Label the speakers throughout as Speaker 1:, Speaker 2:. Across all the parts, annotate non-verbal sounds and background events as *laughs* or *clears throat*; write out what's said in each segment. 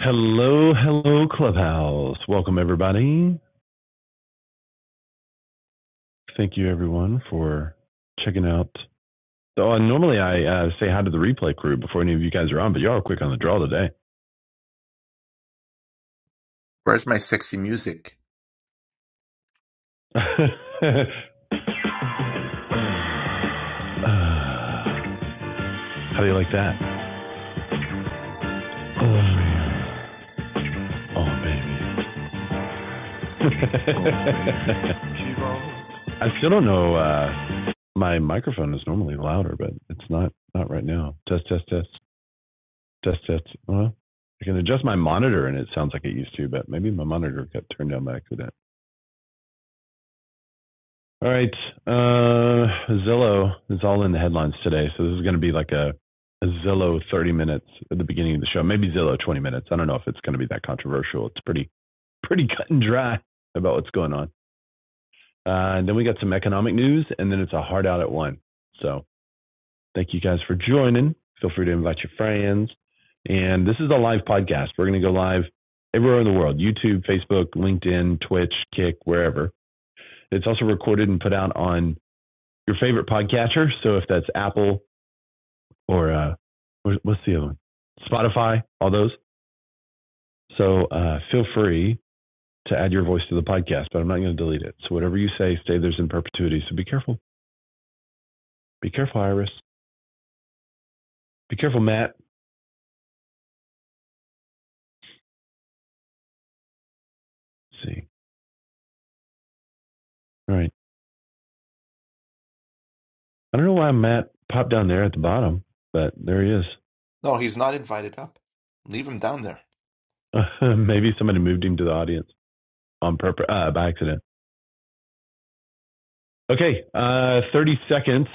Speaker 1: Hello, hello, Clubhouse. Welcome, everybody. Thank you, everyone, for checking out. So, uh, normally I uh, say hi to the replay crew before any of you guys are on, but y'all are quick on the draw today.
Speaker 2: Where's my sexy music?
Speaker 1: *laughs* Ah, how do you like that? Oh, baby. Oh, baby. *laughs* I still don't know. Uh, my microphone is normally louder, but it's not, not right now. Test, test, test. Test, test. Well, I can adjust my monitor and it sounds like it used to, but maybe my monitor got turned down by accident. All right. Uh, Zillow is all in the headlines today. So this is going to be like a, a Zillow 30 minutes at the beginning of the show. Maybe Zillow 20 minutes. I don't know if it's going to be that controversial. It's pretty, *laughs* pretty cut and dry about what's going on. Uh, and then we got some economic news and then it's a hard out at one. So Thank you guys for joining. Feel free to invite your friends. And this is a live podcast. We're going to go live everywhere in the world YouTube, Facebook, LinkedIn, Twitch, Kick, wherever. It's also recorded and put out on your favorite podcatcher. So if that's Apple or uh, what's the other one? Spotify, all those. So uh, feel free to add your voice to the podcast, but I'm not going to delete it. So whatever you say, stay there's in perpetuity. So be careful. Be careful, Iris. Be careful, Matt. Let's see. All right. I don't know why Matt popped down there at the bottom, but there he is.
Speaker 2: No, he's not invited up. Leave him down there.
Speaker 1: *laughs* Maybe somebody moved him to the audience on purpose, uh, by accident. Okay, uh, 30 seconds,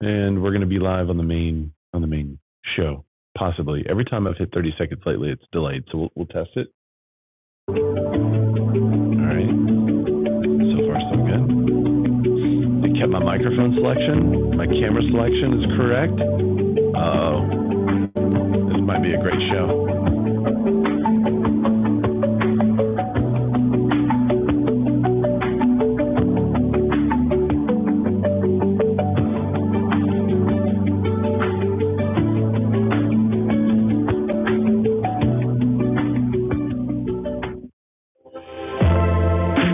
Speaker 1: and we're going to be live on the main on the main show. Possibly every time I've hit 30 seconds lately, it's delayed, so we'll, we'll test it. All right, so far so good. I kept my microphone selection, my camera selection is correct. Oh, this might be a great show.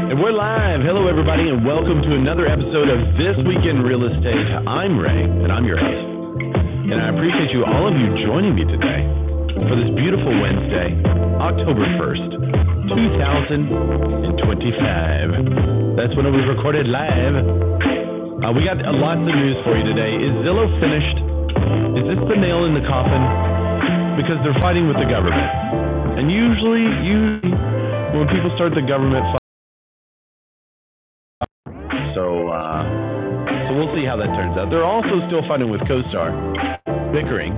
Speaker 1: And we're live. Hello, everybody, and welcome to another episode of This Week in Real Estate. I'm Ray, and I'm your host. And I appreciate you, all of you, joining me today for this beautiful Wednesday, October 1st, 2025. That's when it was recorded live. Uh, we got uh, lots of news for you today. Is Zillow finished? Is this the nail in the coffin? Because they're fighting with the government. And usually, usually when people start the government fight, so, uh, So we'll see how that turns out. They're also still fighting with CoStar, bickering,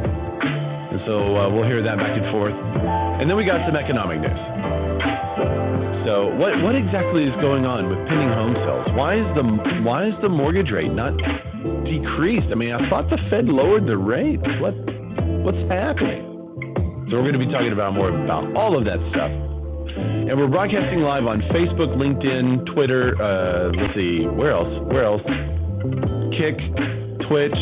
Speaker 1: and so uh, we'll hear that back and forth. And then we got some economic news. So what what exactly is going on with pending home sales? Why is the why is the mortgage rate not decreased? I mean, I thought the Fed lowered the rate. What what's happening? So we're going to be talking about more about all of that stuff. And we're broadcasting live on Facebook, LinkedIn, Twitter. Uh, let's see, where else? Where else? Kick, Twitch,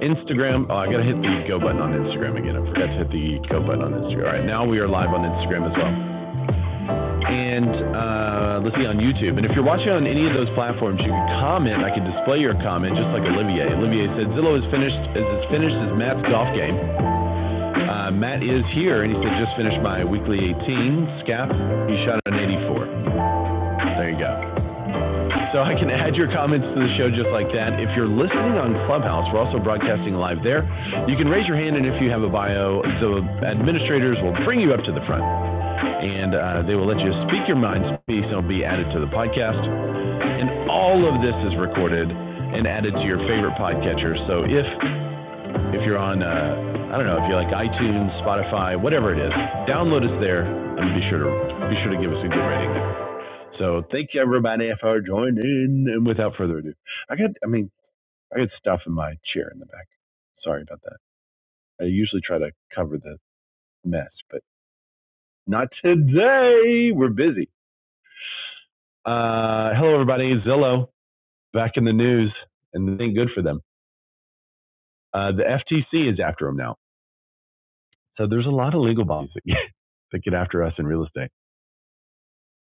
Speaker 1: Instagram. Oh, I gotta hit the go button on Instagram again. I forgot to hit the go button on Instagram. All right, now we are live on Instagram as well. And uh, let's see on YouTube. And if you're watching on any of those platforms, you can comment. I can display your comment just like Olivier. Olivier said Zillow is finished is as finished as Matt's golf game. Uh, Matt is here, and he said just finished my weekly 18 scap. He shot an 84. There you go. So I can add your comments to the show just like that. If you're listening on Clubhouse, we're also broadcasting live there. You can raise your hand, and if you have a bio, the administrators will bring you up to the front, and uh, they will let you speak your mind piece, and it'll be added to the podcast. And all of this is recorded and added to your favorite podcatcher. So if if you're on, uh, I don't know, if you are like iTunes, Spotify, whatever it is, download us there, and be sure to be sure to give us a good rating. So thank you everybody for joining. And without further ado, I got, I mean, I got stuff in my chair in the back. Sorry about that. I usually try to cover the mess, but not today. We're busy. Uh, hello everybody. Zillow back in the news and it ain't good for them. Uh, the FTC is after them now. So there's a lot of legal bodies that get, *laughs* that get after us in real estate.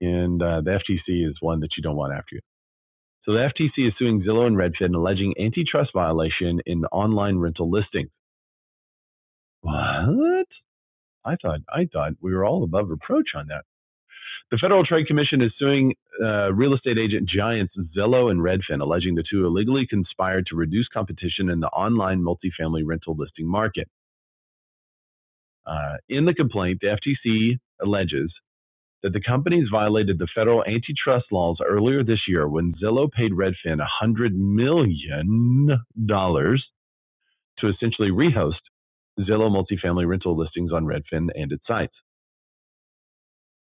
Speaker 1: And uh, the FTC is one that you don't want after you. So the FTC is suing Zillow and Redfin alleging antitrust violation in online rental listings. What? I thought I thought we were all above reproach on that. The Federal Trade Commission is suing uh, real estate agent giants Zillow and Redfin, alleging the two illegally conspired to reduce competition in the online multifamily rental listing market. Uh, in the complaint, the FTC alleges that the companies violated the federal antitrust laws earlier this year when Zillow paid Redfin $100 million dollars to essentially rehost Zillow multifamily rental listings on Redfin and its sites.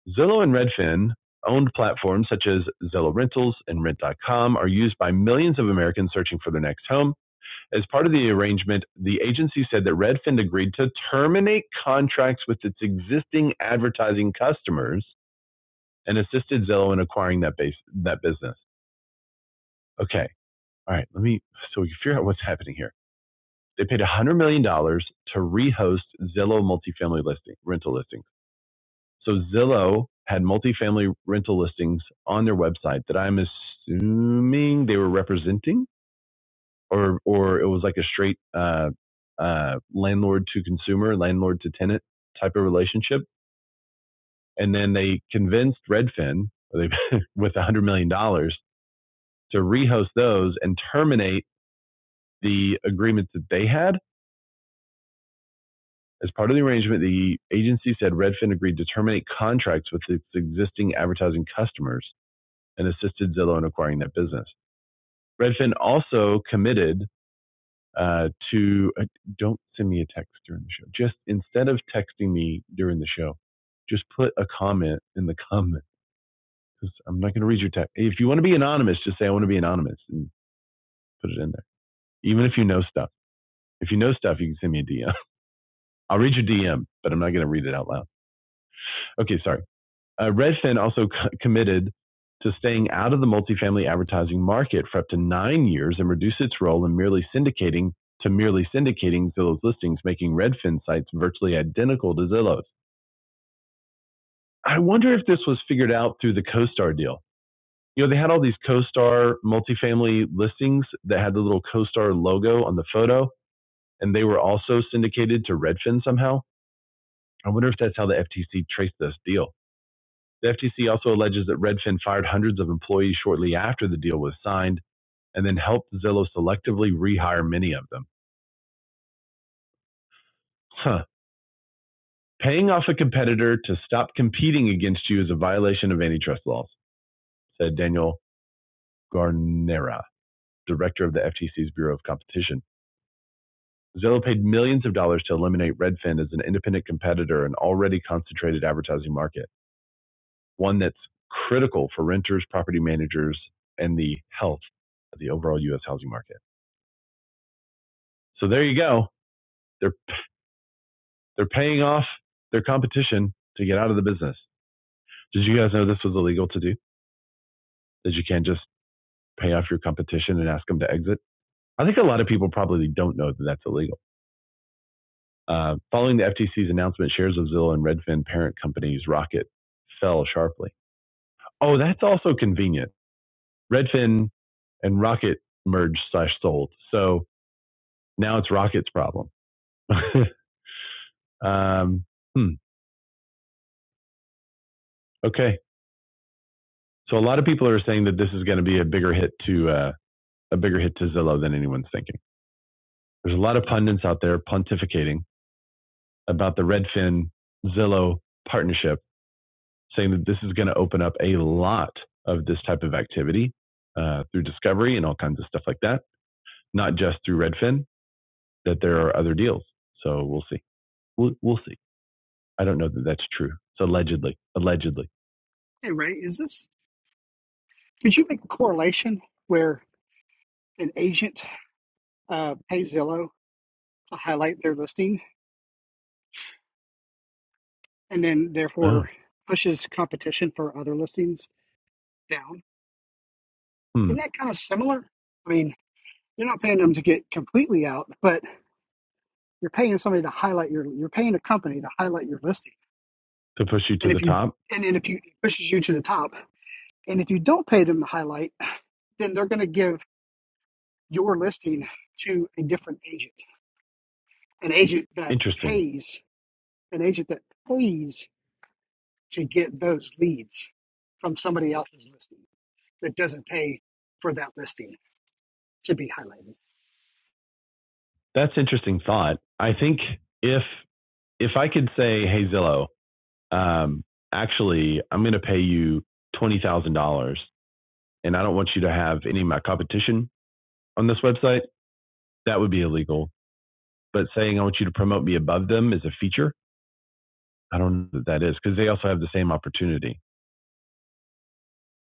Speaker 1: Zillow and Redfin owned platforms such as Zillow Rentals and Rent. dot com are used by millions of Americans searching for their next home. As part of the arrangement, the agency said that Redfin agreed to terminate contracts with its existing advertising customers and assisted Zillow in acquiring that base that business. Okay, all right, let me so we can figure out what's happening here. They paid $100 million dollars to rehost Zillow multifamily listing rental listings. So Zillow had multifamily rental listings on their website that I'm assuming they were representing, or or it was like a straight uh, uh, landlord to consumer, landlord to tenant type of relationship. And then they convinced Redfin they, *laughs* with a hundred million dollars to rehost those and terminate the agreements that they had. As part of the arrangement, the agency said Redfin agreed to terminate contracts with its existing advertising customers and assisted Zillow in acquiring that business. Redfin also committed uh, to uh, don't send me a text during the show. Just instead of texting me during the show, just put a comment in the *laughs* comment because 'cause I'm not going to read your text. If you want to be anonymous, just say I want to be anonymous and put it in there. Even if you know stuff, if you know stuff, you can send me a DM. I'll read your DM, but I'm not going to read it out loud. Okay, sorry. Uh, Redfin also c- committed to staying out of the multifamily advertising market for up to nine years and reduce its role in merely syndicating to merely syndicating Zillow's listings, making Redfin sites virtually identical to Zillow's. I wonder if this was figured out through the CoStar deal. You know, they had all these CoStar multifamily listings that had the little CoStar logo on the photo, and they were also syndicated to Redfin somehow. I wonder if that's how the FTC traced this deal. The FTC also alleges that Redfin fired hundreds of employees shortly after the deal was signed and then helped Zillow selectively rehire many of them. Huh. Paying off a competitor to stop competing against you is a violation of antitrust laws, said Daniel Garnera, director of the FTC's Bureau of Competition. Zillow paid millions of dollars to eliminate Redfin as an independent competitor in an already concentrated advertising market, one that's critical for renters, property managers, and the health of the overall U.S. housing market. So there you go. They're they're paying off their competition to get out of the business. Did you guys know this was illegal to do? That you can't just pay off your competition and ask them to exit? I think a lot of people probably don't know that that's illegal. Uh, following the FTC's announcement, shares of Zillow and Redfin parent companies Rocket fell sharply. Oh, that's also convenient. Redfin and Rocket merged slash sold. So now it's Rocket's problem. *laughs* um, hmm, okay. So a lot of people are saying that this is going to be a bigger hit to uh, a bigger hit to Zillow than anyone's thinking. There's a lot of pundits out there pontificating about the Redfin Zillow partnership, saying that this is going to open up a lot of this type of activity uh, through discovery and all kinds of stuff like that, not just through Redfin. That there are other deals. So we'll see. We'll, we'll see. I don't know that that's true. It's allegedly. Allegedly.
Speaker 3: Hey Ray, is this? Could you make a correlation where an agent uh, pays Zillow to highlight their listing, and then
Speaker 1: Oh,
Speaker 3: therefore pushes competition for other listings down?
Speaker 1: hmm.
Speaker 3: Isn't that kind of similar? I mean, you're not paying them to get completely out, but you're paying somebody to highlight your. You're paying a company to highlight your listing,
Speaker 1: To push you to
Speaker 3: and
Speaker 1: the
Speaker 3: if you
Speaker 1: top.
Speaker 3: and then if you it pushes you to the top, and if you don't pay them to highlight, then they're going to give your listing to a different agent, an agent that
Speaker 1: Interesting.
Speaker 3: pays. an agent that pays to get those leads from somebody else's listing that doesn't pay for that listing to be highlighted.
Speaker 1: That's interesting thought. I think if if I could say, hey Zillow, um, actually I'm going to pay you twenty thousand dollars, and I don't want you to have any of my competition on this website, that would be illegal. But saying I want you to promote me above them is a feature, I don't know that that is because they also have the same opportunity.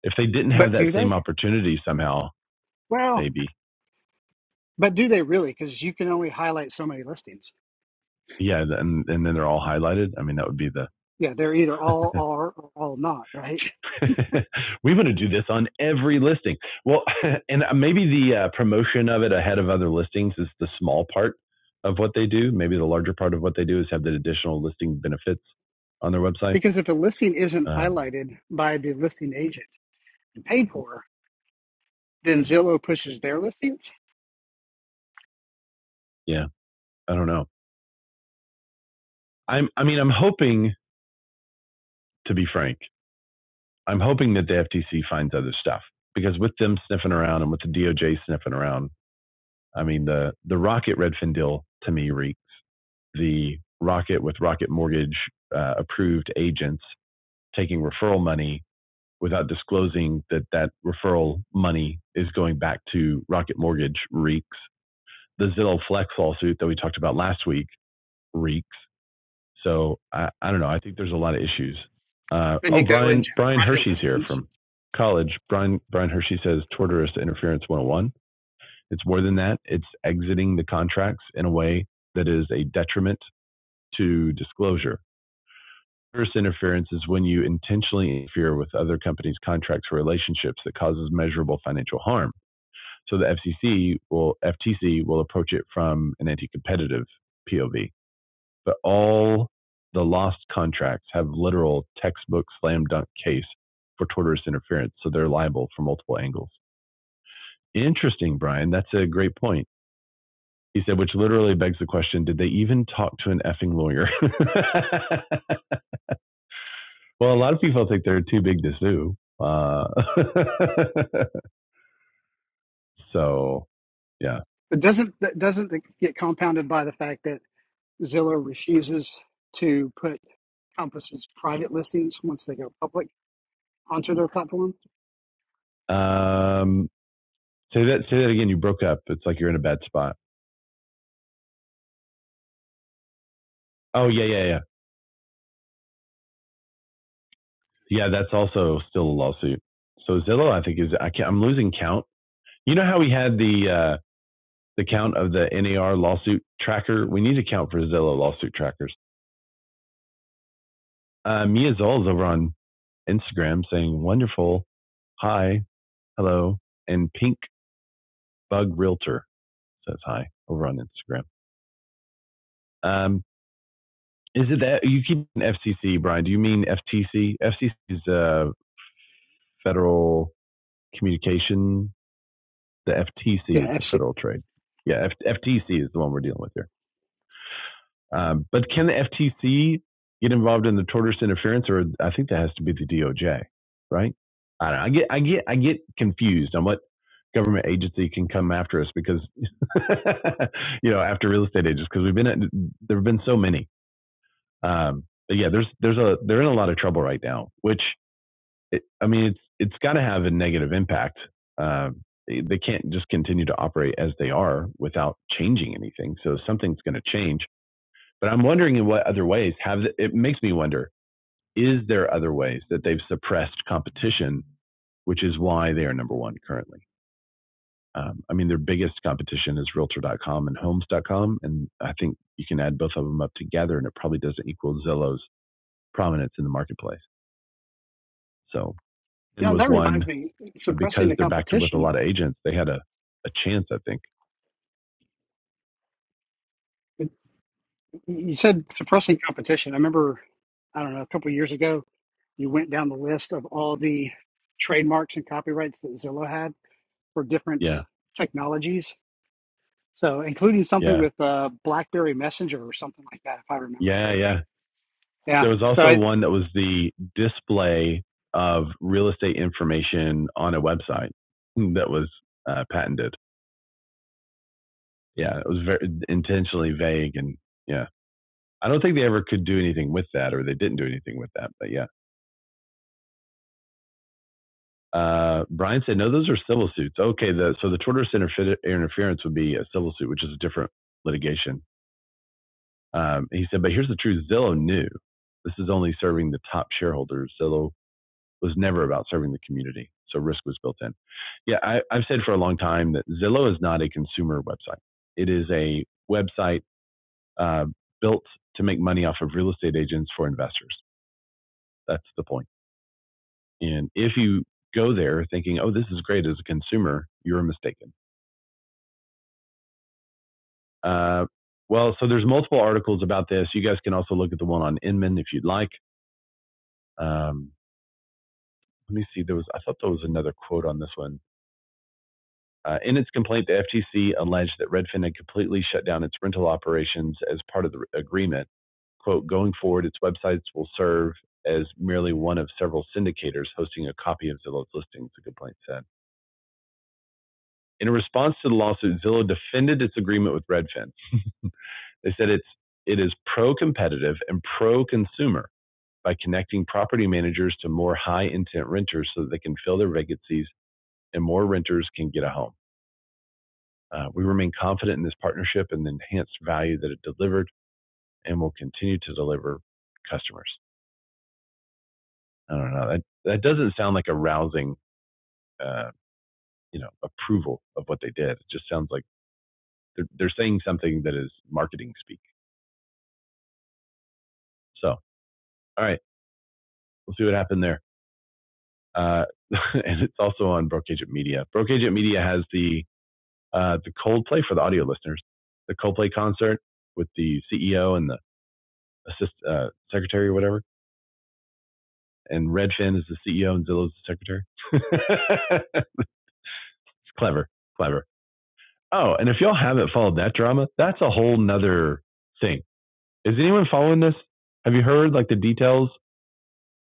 Speaker 1: If they didn't have
Speaker 3: But
Speaker 1: that
Speaker 3: do
Speaker 1: same
Speaker 3: they?
Speaker 1: opportunity somehow,
Speaker 3: Well,
Speaker 1: maybe
Speaker 3: but do they really? Because you can only highlight so many listings.
Speaker 1: yeah, and and then they're all highlighted. I mean, that would be the
Speaker 3: Yeah, they're either all are or all not, right? *laughs*
Speaker 1: *laughs* we want to do this on every listing. Well, *laughs* and uh, maybe the uh, promotion of it ahead of other listings is the small part of what they do. Maybe the larger part of what they do is have the additional listing benefits on their website.
Speaker 3: Because if a listing isn't
Speaker 1: Um,
Speaker 3: highlighted by the listing agent and paid for, then Zillow pushes their listings.
Speaker 1: yeah, I don't know. I'm, I mean, I'm hoping, to be frank, I'm hoping that the FTC finds other stuff because with them sniffing around and with the DOJ sniffing around, I mean, the, the Rocket Redfin deal to me reeks. The Rocket with Rocket Mortgage uh, approved agents taking referral money without disclosing that that referral money is going back to Rocket Mortgage reeks. The Zillow Flex lawsuit that we talked about last week reeks. So I, I don't know. I think there's a lot of issues. Uh,
Speaker 3: Then
Speaker 1: oh,
Speaker 3: you go into
Speaker 1: Brian Brian
Speaker 3: the private
Speaker 1: Hershey's here
Speaker 3: listings.
Speaker 1: from college. Brian Brian Hershey says torturous interference 101. It's more than that. It's exiting the contracts in a way that is a detriment to disclosure. Service interference is when you intentionally interfere with other companies' contracts or relationships that causes measurable financial harm. So the FCC will FTC will approach it from an anti-competitive POV. But all the lost contracts have literal textbook slam dunk case for tortious interference, so they're liable from multiple angles. Interesting, Brian. That's a great point. He said, which literally begs the question: Did they even talk to an effing lawyer? *laughs* Well, a lot of people think they're too big to sue. Uh, *laughs* so yeah.
Speaker 3: But doesn't that doesn't it get compounded by the fact that Zillow refuses to put encompasses private listings once they go public onto their platform.
Speaker 1: Um, say that. Say that again. You broke up. It's like you're in a bad spot. Oh yeah, yeah, yeah, yeah. That's also still a lawsuit. So Zillow, I think is I can't, I'm losing count. You know how we had the uh, the count of the NAR lawsuit tracker? We need to count for Zillow lawsuit trackers. Uh, Mia Zoll is over on Instagram saying wonderful, hi, hello, and Pink Bug Realtor says hi over on Instagram. Um, is it that you keep an FCC, Brian? Do you mean FTC? FCC is uh, Federal Communication. The FTC
Speaker 3: Yeah,
Speaker 1: is the
Speaker 3: FC.
Speaker 1: Federal Trade. Yeah, F- FTC is the one we're dealing with here. Um, but can the FTC get involved in the tortoise interference, or I think that has to be the DOJ, right? I don't know. I get I get I get confused on what government agency can come after us because *laughs* you know after real estate agents because we've been at, there have been so many um, but yeah, there's there's a they're in a lot of trouble right now, which it, I mean it's it's got to have a negative impact. Um, they, they can't just continue to operate as they are without changing anything. So something's going to change. But I'm wondering in what other ways have it makes me wonder: is there other ways that they've suppressed competition, which is why they are number one currently? Um, I mean, their biggest competition is Realtor.com and Homes.com, and I think you can add both of them up together, and it probably doesn't equal Zillow's prominence in the marketplace. So,
Speaker 3: You
Speaker 1: and
Speaker 3: know,
Speaker 1: was
Speaker 3: that reminds
Speaker 1: one
Speaker 3: me,
Speaker 1: uh,
Speaker 3: suppressing
Speaker 1: because
Speaker 3: the
Speaker 1: they're backed with a
Speaker 3: competition.
Speaker 1: lot of agents. They had a, a chance, I think.
Speaker 3: You said suppressing competition. I remember, I don't know, a couple of years ago, you went down the list of all the trademarks and copyrights that Zillow had for different
Speaker 1: Yeah,
Speaker 3: technologies. So, including something
Speaker 1: yeah,
Speaker 3: with uh, BlackBerry Messenger or something like that, if I remember
Speaker 1: yeah, yeah.
Speaker 3: correctly. Yeah.
Speaker 1: There was
Speaker 3: So
Speaker 1: also
Speaker 3: I,
Speaker 1: one that was the display of real estate information on a website *laughs* that was uh, patented. Yeah, it was very intentionally vague, and yeah, I don't think they ever could do anything with that, or they didn't do anything with that. But yeah, uh, Brian said no; those are civil suits. Okay, the, so the tortious interfe- interference would be a civil suit, which is a different litigation. Um, he said, but here's the truth Zillow knew this is only serving the top shareholders. Zillow was never about serving the community. So risk was built in. Yeah, I, I've said for a long time that Zillow is not a consumer website, it is a website uh, built to make money off of real estate agents for investors. That's the point. And if you go there thinking, oh, this is great as a consumer, you're mistaken. Uh, well, so there's multiple articles about this. You guys can also look at the one on Inman if you'd like. Um, let me see. There was I thought there was another quote on this one. Uh, in its complaint, the FTC alleged that Redfin had completely shut down its rental operations as part of the agreement. "Quote: Going forward, its websites will serve as merely one of several syndicators hosting a copy of Zillow's listings." The complaint said. In response to the lawsuit, Zillow defended its agreement with Redfin. They said it's it is pro-competitive and pro-consumer by connecting property managers to more high-intent renters so that they can fill their vacancies and more renters can get a home. Uh, We remain confident in this partnership and the enhanced value that it delivered and will continue to deliver customers. I don't know. That, that doesn't sound like a rousing, uh, you know, approval of what they did. It just sounds like they're, they're saying something that is marketing speak. So, all right, we'll see what happened there. Uh, *laughs* and it's also on Broke Agent Media. Broke Agent Media has the uh, the Coldplay for the audio listeners, the Coldplay concert with the CEO and the assist uh, secretary or whatever and Redfin is the CEO and Zillow's the secretary. *laughs* it's clever, clever. Oh, and if y'all haven't followed that drama, that's a whole nother thing. Is anyone following this? Have you heard like the details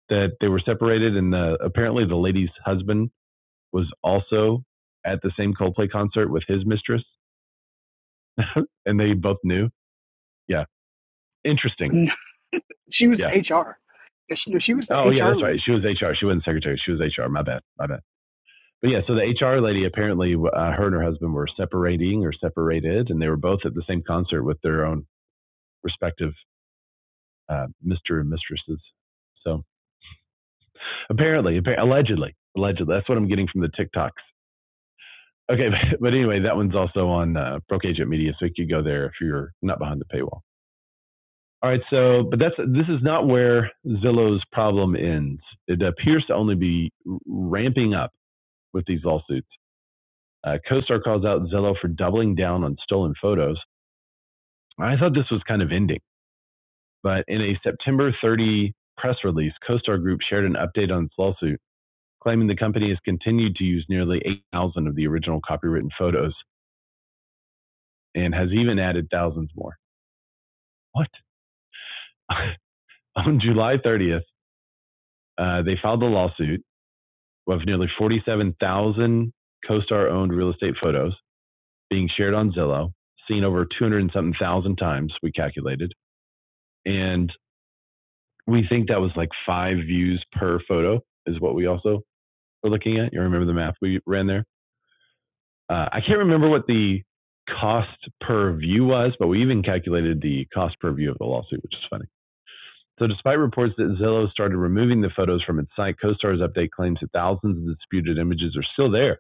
Speaker 1: that they were separated and the, apparently the lady's husband was also at the same Coldplay concert with his mistress *laughs* and they both knew? Yeah. Interesting.
Speaker 3: she was
Speaker 1: Yeah.
Speaker 3: HR. She, she was the
Speaker 1: Oh, yeah,
Speaker 3: HR
Speaker 1: that's right.
Speaker 3: lead.
Speaker 1: She was HR. She wasn't secretary. She was HR. My bad. My bad. but yeah, so the HR lady apparently, uh, her and her husband were separating or separated, and they were both at the same concert with their own respective uh, Mr. and mistresses. So apparently, allegedly, allegedly, that's what I'm getting from the TikToks. Okay, *laughs* but, anyway, that one's also on uh, Broke Agent Media, so you could go there if you're not behind the paywall. All right, so but that's this is not where Zillow's problem ends. It appears to only be ramping up with these lawsuits. Uh, CoStar calls out Zillow for doubling down on stolen photos. I thought this was kind of ending, but in a September 30 press release, CoStar Group shared an update on its lawsuit, claiming the company has continued to use nearly 8,000 of the original copywritten photos and has even added thousands more. What? *laughs* On July 30th, uh, they filed a lawsuit of nearly 47,000 CoStar owned real estate photos being shared on Zillow, seen over 200 and something thousand times, we calculated. And we think that was like five views per photo, is what we also we're looking at. You remember the math we ran there? Uh, I can't remember what the cost per view was, but we even calculated the cost per view of the lawsuit, which is funny. So, despite reports that Zillow started removing the photos from its site, CoStar's update claims that thousands of disputed images are still there.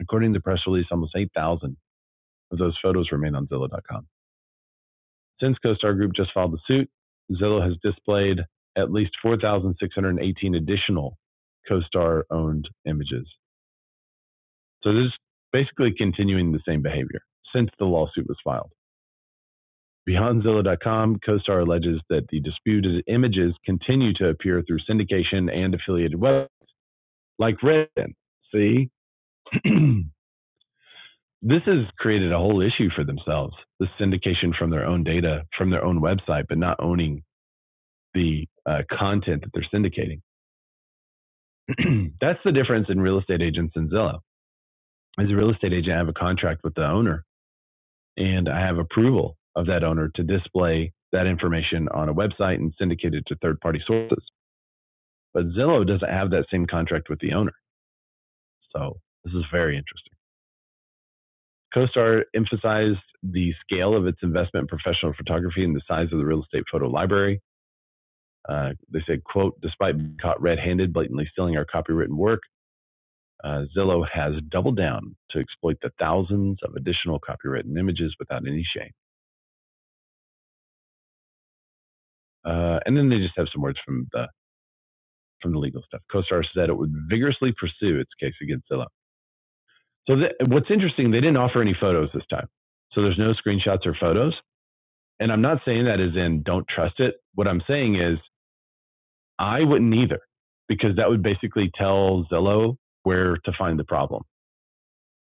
Speaker 1: According to the press release, almost 8,000 of those photos remain on Zillow.com. Since CoStar Group just filed the suit, Zillow has displayed at least 4,618 additional CoStar owned images So this is basically continuing the same behavior since the lawsuit was filed. Beyond Zillow.com, CoStar alleges that the disputed images continue to appear through syndication and affiliated websites like Redfin. See, *clears throat* this has created a whole issue for themselves. The syndication from their own data, from their own website, but not owning the uh, content that they're syndicating. *clears throat* That's the difference in real estate agents and Zillow. As a real estate agent, I have a contract with the owner and I have approval of that owner to display that information on a website and syndicate it to third party sources. But Zillow doesn't have that same contract with the owner. So this is very interesting. CoStar emphasized the scale of its investment in professional photography and the size of the real estate photo library. Uh, they said, quote, despite being caught red handed blatantly stealing our copywritten work, uh, Zillow has doubled down to exploit the thousands of additional copywritten images without any shame. Uh, and then they just have some words from the from the legal stuff. CoStar said it would vigorously pursue its case against Zillow. So th- what's interesting, they didn't offer any photos this time. So there's no screenshots or photos. And I'm not saying that as in don't trust it. What I'm saying is I wouldn't either, because that would basically tell Zillow where to find the problem.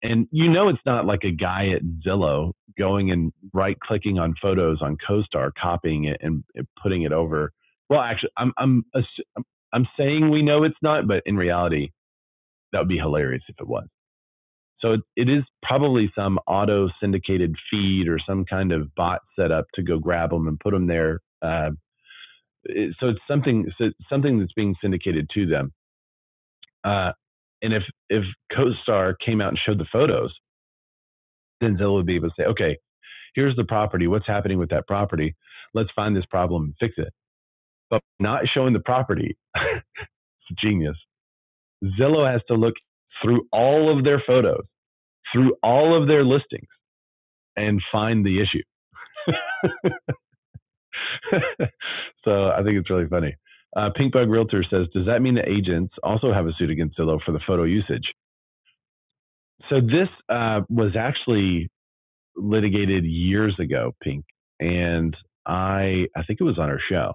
Speaker 1: And you know, it's not like a guy at Zillow going and right clicking on photos on CoStar, copying it and putting it over. Well, actually, I'm, I'm, I'm saying we know it's not, but in reality, That would be hilarious if it was. So it, it is probably some auto syndicated feed or some kind of bot set up to go grab them and put them there. Uh, it, so it's something so it's something that's being syndicated to them. Uh, and if if CoStar came out and showed the photos, then Zillow would be able to say, okay, here's the property. What's happening with that property? Let's find this problem and fix it. But not showing the property, *laughs* it's genius. Zillow has to look through all of their photos, through all of their listings and find the issue. *laughs* so I think it's really funny. Uh, Pinkbug Realtor says, does that mean that agents also have a suit against Zillow for the photo usage? So this uh, was actually litigated years ago, Pink, and I I think it was on our show.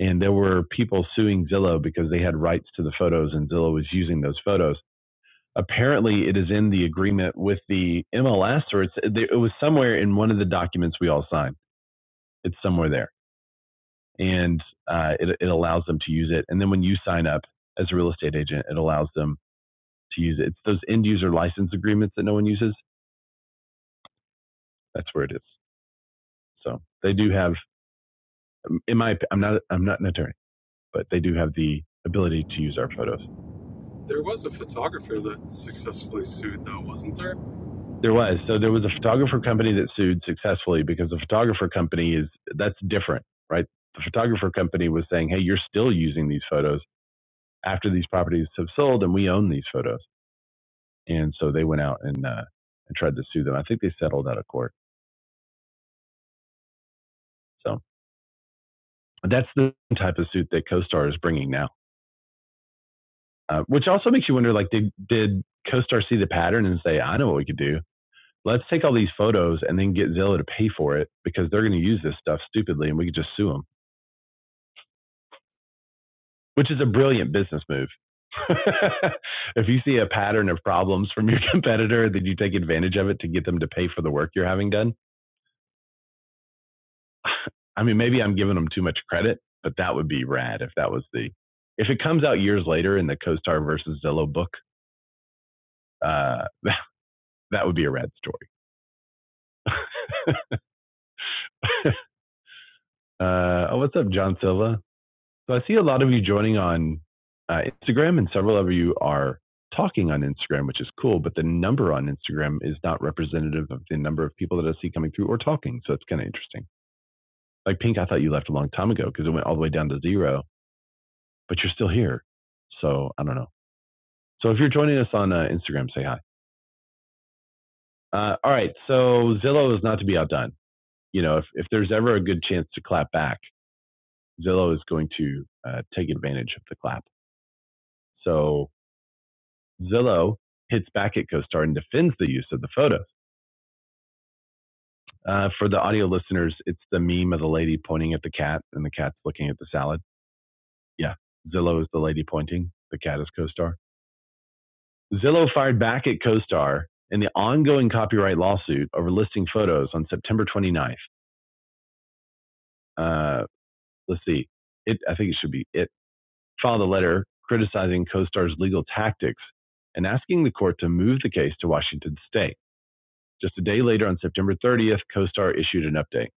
Speaker 1: And there were people suing Zillow because they had rights to the photos and Zillow was using those photos. Apparently, it is in the agreement with the MLS, or it's, it was somewhere in one of the documents we all signed. It's somewhere there and uh, it, it allows them to use it. And then when you sign up as a real estate agent, it allows them to use it. It's those end user license agreements that no one uses. That's where it is. So they do have, um, in my, I'm not, I'm not an attorney, but they do have the ability to use our photos.
Speaker 4: There was a photographer that successfully sued, though, wasn't there?
Speaker 1: There was so there was a photographer company that sued successfully because the photographer company is that's different, right? The photographer company was saying, hey, you're still using these photos after these properties have sold, and we own these photos. and so they went out and uh, and tried to sue them. I think they settled out of court. So that's the type of suit that CoStar is bringing now, uh, which also makes you wonder: like, did did CoStar see the pattern and say, "I know what we could do. Let's take all these photos and then get Zillow to pay for it because they're going to use this stuff stupidly, and we could just sue them," which is a brilliant business move. *laughs* if you see a pattern of problems from your *laughs* competitor, then you take advantage of it to get them to pay for the work you're having done *sighs* I mean, maybe I'm giving them too much credit, but that would be rad if that was the if it comes out years later in the CoStar versus Zillow book. Uh, *laughs* that, that would be a rad story. *laughs* uh, oh, what's up, John Silva? So I see a lot of you joining on uh, Instagram, and several of you are talking on Instagram, which is cool. But the number on Instagram is not representative of the number of people that I see coming through or talking. So it's kind of interesting. Like Pink, I thought you left a long time ago because it went all the way down to zero, but you're still here. So I don't know. So if you're joining us on uh, Instagram, say hi. Uh, all right. So Zillow is not to be outdone. You know, if, if there's ever a good chance to clap back, Zillow is going to uh, take advantage of the clap. So Zillow hits back at CoStar and defends the use of the photos. Uh, for the audio listeners, it's the meme of the lady pointing at the cat and the cat's looking at the salad. Yeah, Zillow is the lady pointing, the cat is CoStar. Zillow fired back at CoStar in the ongoing copyright lawsuit over listing photos on September 29th. let's see. It, I think it should be it filed a letter criticizing CoStar's legal tactics and asking the court to move the case to Washington state. Just a day later, on September 30th, CoStar issued an update,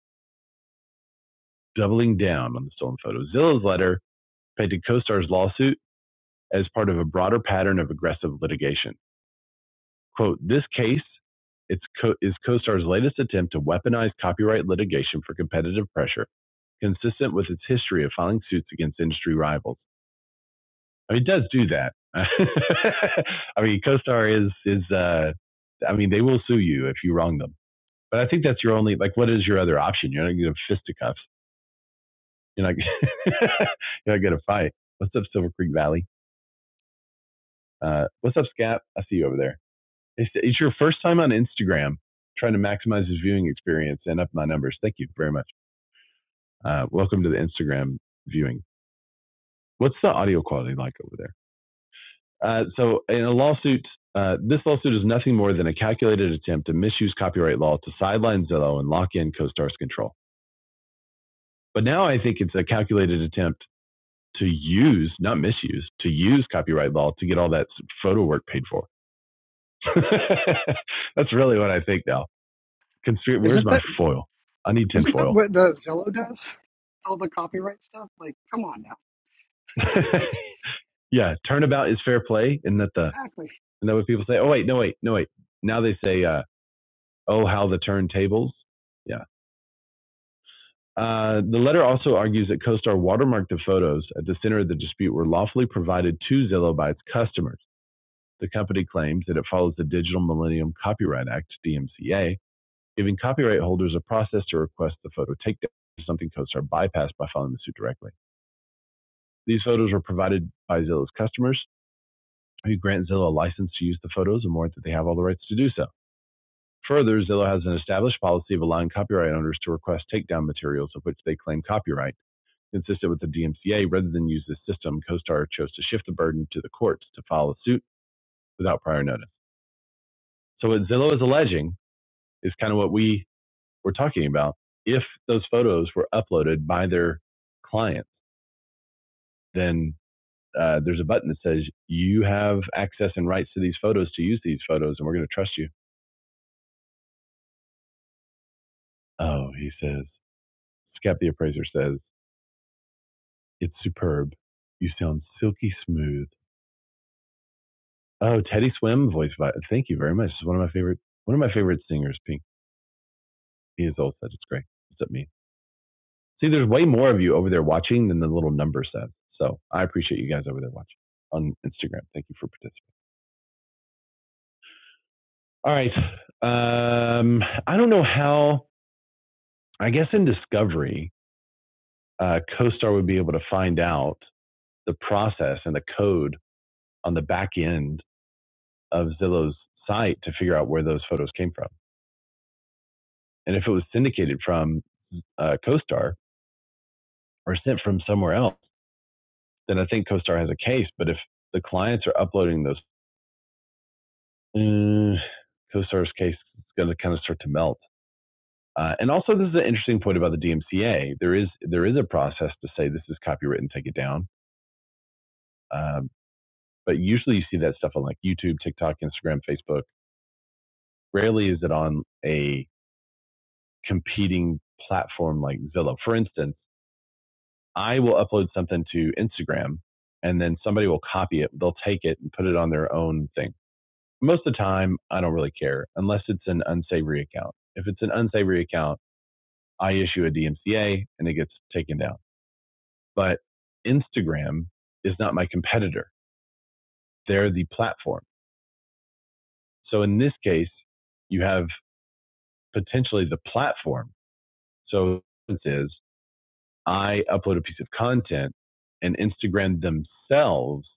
Speaker 1: doubling down on the stolen photo. Zilla's letter painted CoStar's lawsuit as part of a broader pattern of aggressive litigation. Quote, this case it's co- is CoStar's latest attempt to weaponize copyright litigation for competitive pressure, consistent with its history of filing suits against industry rivals. I mean, it does do that. *laughs* I mean, CoStar is is. Uh, I mean, they will sue you if you wrong them. But I think that's your only like. What is your other option? You're not going to have fisticuffs. You're not. *laughs* you're not going to fight. What's up, Silver Creek Valley? Uh, what's up, Scap? I see you over there. It's, it's your first time on Instagram. Trying to maximize his viewing experience and up my numbers. Thank you very much. Uh, welcome to the Instagram viewing. What's the audio quality like over there? Uh, so in a lawsuit, uh, this lawsuit is nothing more than a calculated attempt to misuse copyright law to sideline Zillow and lock in CoStar's control. But now I think it's a calculated attempt to use, not misuse, to use copyright law to get all that photo work paid for. *laughs* That's really what I think now. Conspir- Where's
Speaker 3: Isn't
Speaker 1: my
Speaker 3: that
Speaker 1: foil? I need
Speaker 3: isn't that
Speaker 1: tinfoil.
Speaker 3: what the Zillow does? all the copyright stuff. Like, come on now. *laughs* like,
Speaker 1: *laughs* yeah, turnabout is fair play. Isn't that the,
Speaker 3: exactly.
Speaker 1: isn't that what people say? Oh, wait, no, wait, no, wait. Now they say, uh, oh, how the turntables. Yeah, Uh, the letter also argues that CoStar watermarked the photos at the center of the dispute were lawfully provided to Zillow by its customers. The company claims that it follows the Digital Millennium Copyright Act, DMCA, giving copyright holders a process to request the photo takedown, something CoStar bypassed by filing the suit directly. These photos were provided by Zillow's customers, who grant Zillow a license to use the photos and warrant that they have all the rights to do so. Further, Zillow has an established policy of allowing copyright owners to request takedown materials of which they claim copyright Consistent with the DMCA, rather than use this system, CoStar chose to shift the burden to the courts to file a suit without prior notice. So what Zillow is alleging is kind of what we were talking about. If those photos were uploaded by their clients, then uh, there's a button that says you have access and rights to these photos to use these photos, and we're going to trust you. Oh, he says. Scap the appraiser says it's superb. You sound silky smooth. Oh, Teddy Swim voice. vi- Thank you very much. It's one of my favorite one of my favorite singers, Pink He has always said it's great. It's at me. See, there's way more of you over there watching than the little number says. So I appreciate you guys over there watching on Instagram. Thank you for participating. All right. Um, I don't know how, I guess in Discovery, uh, CoStar would be able to find out the process and the code on the back end of Zillow's site to figure out where those photos came from. And if it was syndicated from uh, CoStar or sent from somewhere else, then I think CoStar has a case. But if the clients are uploading those mm, CoStar's case is going to kind of start to melt. Uh, and also, this is an interesting point about the DMCA. There is there is a process to say this is copywritten, take it down. Um, but usually, you see that stuff on like YouTube, TikTok, Instagram, Facebook. Rarely is it on a competing platform like Zillow. For instance, I will upload something to Instagram, and then somebody will copy it. They'll take it and put it on their own thing. Most of the time, I don't really care unless it's an unsavory account. If it's an unsavory account I issue a DMCA and it gets taken down. But Instagram is not my competitor. They're the platform. So in this case, you have potentially the platform. So it is I upload a piece of content and Instagram themselves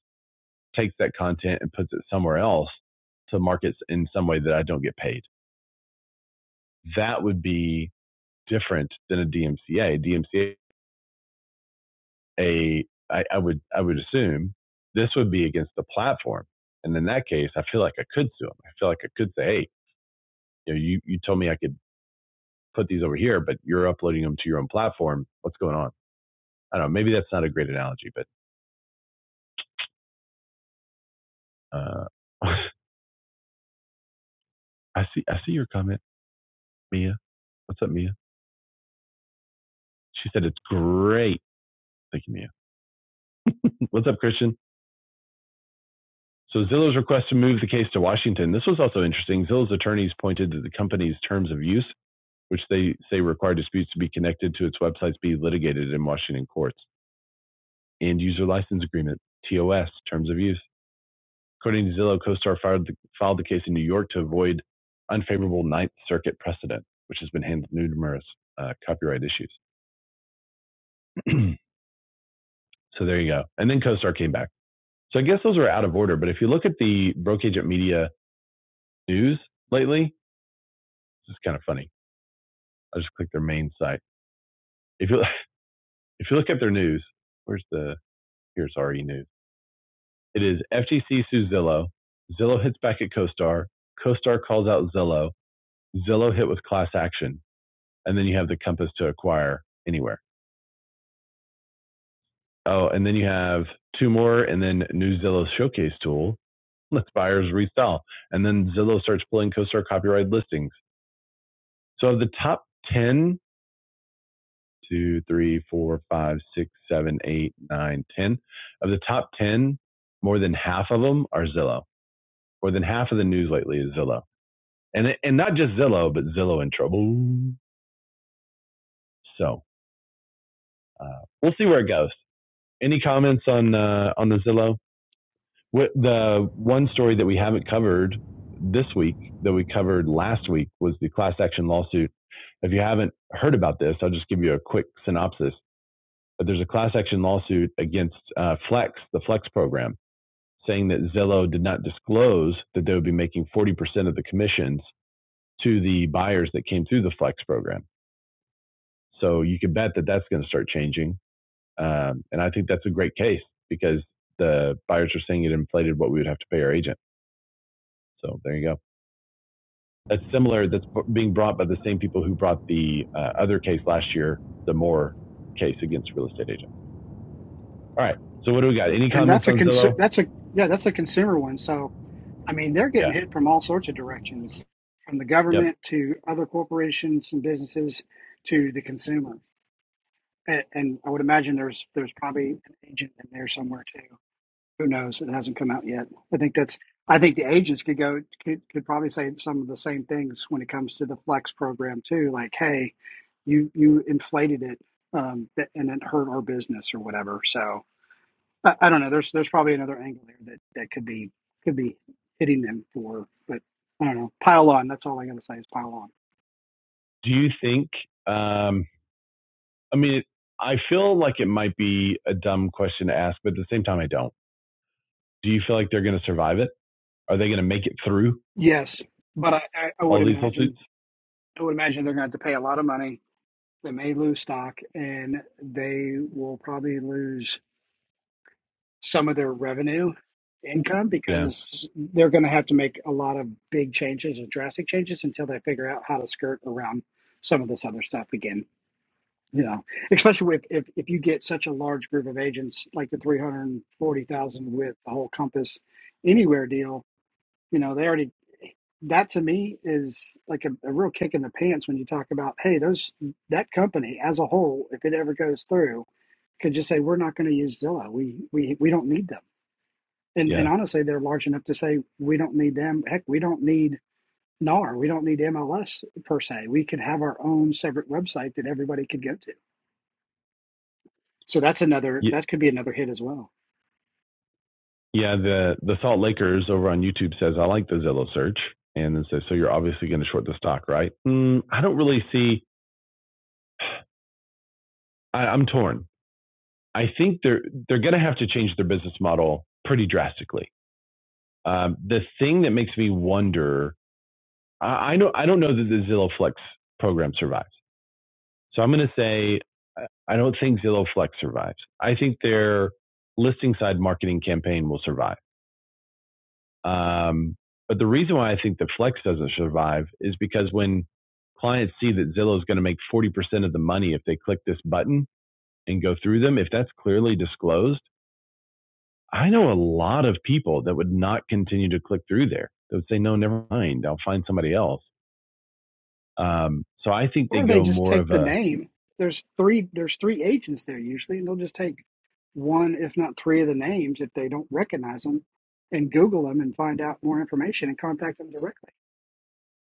Speaker 1: takes that content and puts it somewhere else to markets in some way that I don't get paid. That would be different than a DMCA. DMCA a I, I would I would assume this would be against the platform. And in that case, I feel like I could sue them. I feel like I could say, hey, you know, you, you told me I could put these over here, but you're uploading them to your own platform. What's going on? I don't know. Maybe that's not a great analogy, but uh, *laughs* I see I see your comment, Mia. What's up, Mia? She said it's great. Thank you, Mia. What's up, Christian? So Zillow's request to move the case to Washington. This was also interesting. Zillow's attorneys pointed to the company's terms of use which they say require disputes to be connected to its websites be litigated in Washington courts. End user license agreement, TOS, terms of use. According to Zillow, CoStar filed the, filed the case in New York to avoid unfavorable Ninth Circuit precedent, which has been handled numerous uh, copyright issues. *clears throat* so there you go. And then CoStar came back. So I guess those are out of order. But if you look at the Broke Media news lately, it's kind of funny. I just clicked their main site. If you *laughs* if you look at their news, where's the here's RE News. It is FTC sues Zillow. Zillow hits back at CoStar. CoStar calls out Zillow. Zillow hit with class action. And then you have the compass to acquire anywhere. Oh, and then you have two more and then new Zillow showcase tool. Lets buyers resell. And then Zillow starts pulling CoStar copyrighted listings. So of the top ten, two, three, four, five, six, seven, eight, nine, ten, of the top 10, more than half of them are Zillow. More than half of the news lately is Zillow. and and not just Zillow, but Zillow in trouble. So uh, we'll see where it goes. Any comments on uh, on the Zillow? What, the one story that we haven't covered this week that we covered last week was the class action lawsuit. If you haven't heard about this, I'll just give you a quick synopsis. But there's a class action lawsuit against uh, Flex, the Flex program, saying that Zillow did not disclose that they would be making 40% of the commissions to the buyers that came through the Flex program So you can bet that that's going to start changing. Um, and I think that's a great case because the buyers are saying it inflated what we would have to pay our agent. So there you go. That's similar. That's being brought by the same people who brought the uh, other case last year, the Moore case against real estate agents. All right. So what do we got? Any
Speaker 3: And
Speaker 1: comments
Speaker 3: that's a
Speaker 1: on
Speaker 3: consu-
Speaker 1: Zillow?
Speaker 3: that's a yeah, that's a consumer one. So, I mean, they're getting
Speaker 1: Yeah.
Speaker 3: hit from all sorts of directions, from the
Speaker 1: Yep.
Speaker 3: government to other corporations and businesses to the consumer. And, and I would imagine there's there's probably an agent in there somewhere too. Who knows? It hasn't come out yet. I think that's. I think the agents could go could, could probably say some of the same things when it comes to the flex program too. Like, hey, you you inflated it, um, that, and it hurt our business or whatever. So I, I don't know. There's there's probably another angle there that that could be could be hitting them for. But I don't know. Pile on. That's all I got to say is pile on.
Speaker 1: Do you think? Um, I mean, I feel like it might be a dumb question to ask, but at the same time, I don't. Do you feel like they're going to survive it? Are they going to make it through
Speaker 3: Yes, but I, I, I would
Speaker 1: all these lawsuits?
Speaker 3: imagine I would imagine they're going to have to pay a lot of money. They may lose stock, and they will probably lose. some of their revenue income
Speaker 1: Yeah.
Speaker 3: because they're going to have to make a lot of big changes or drastic changes until they figure out how to skirt around some of this other stuff again. You know, especially if, if, if you get such a large group of agents like the 340,000 with the whole Compass Anywhere deal, you know, they already, that to me is like a, a real kick in the pants when you talk about, hey, those, that company as a whole, if it ever goes through, could just say, we're not going to use Zillow. We, we, we don't need them and and
Speaker 1: Yeah.
Speaker 3: honestly, they're large enough to say we don't need them. Heck, we don't need NAR. We don't need MLS per se. We could have our own separate website that everybody could go to. So that's another that could be another hit as well.
Speaker 1: Yeah. The, the Salt Lakers over on YouTube says, I like the Zillow search. And then says, so you're obviously going to short the stock, right? Mm, I don't really see, I, I'm torn. I think they're, they're going to have to change their business model pretty drastically. Um, the thing that makes me wonder, I, I know, I don't know that the Zillow Flex program survives. So I'm going to say, I don't think Zillow Flex survives. I think their listing side marketing campaign will survive Um, but the reason why I think that Flex doesn't survive is because when clients see that Zillow is going to make 40% of the money if they click this button and go through them, if that's clearly disclosed, I know a lot of people that would not continue to click through there. They would say, no, never mind. I'll find somebody else. Um, so I think they
Speaker 3: Or they
Speaker 1: go
Speaker 3: just
Speaker 1: more
Speaker 3: take
Speaker 1: of
Speaker 3: the
Speaker 1: a,
Speaker 3: name. There's three there's three agents there usually, and they'll just take one, if not three of the names if they don't recognize them and Google them and find out more information and contact them directly.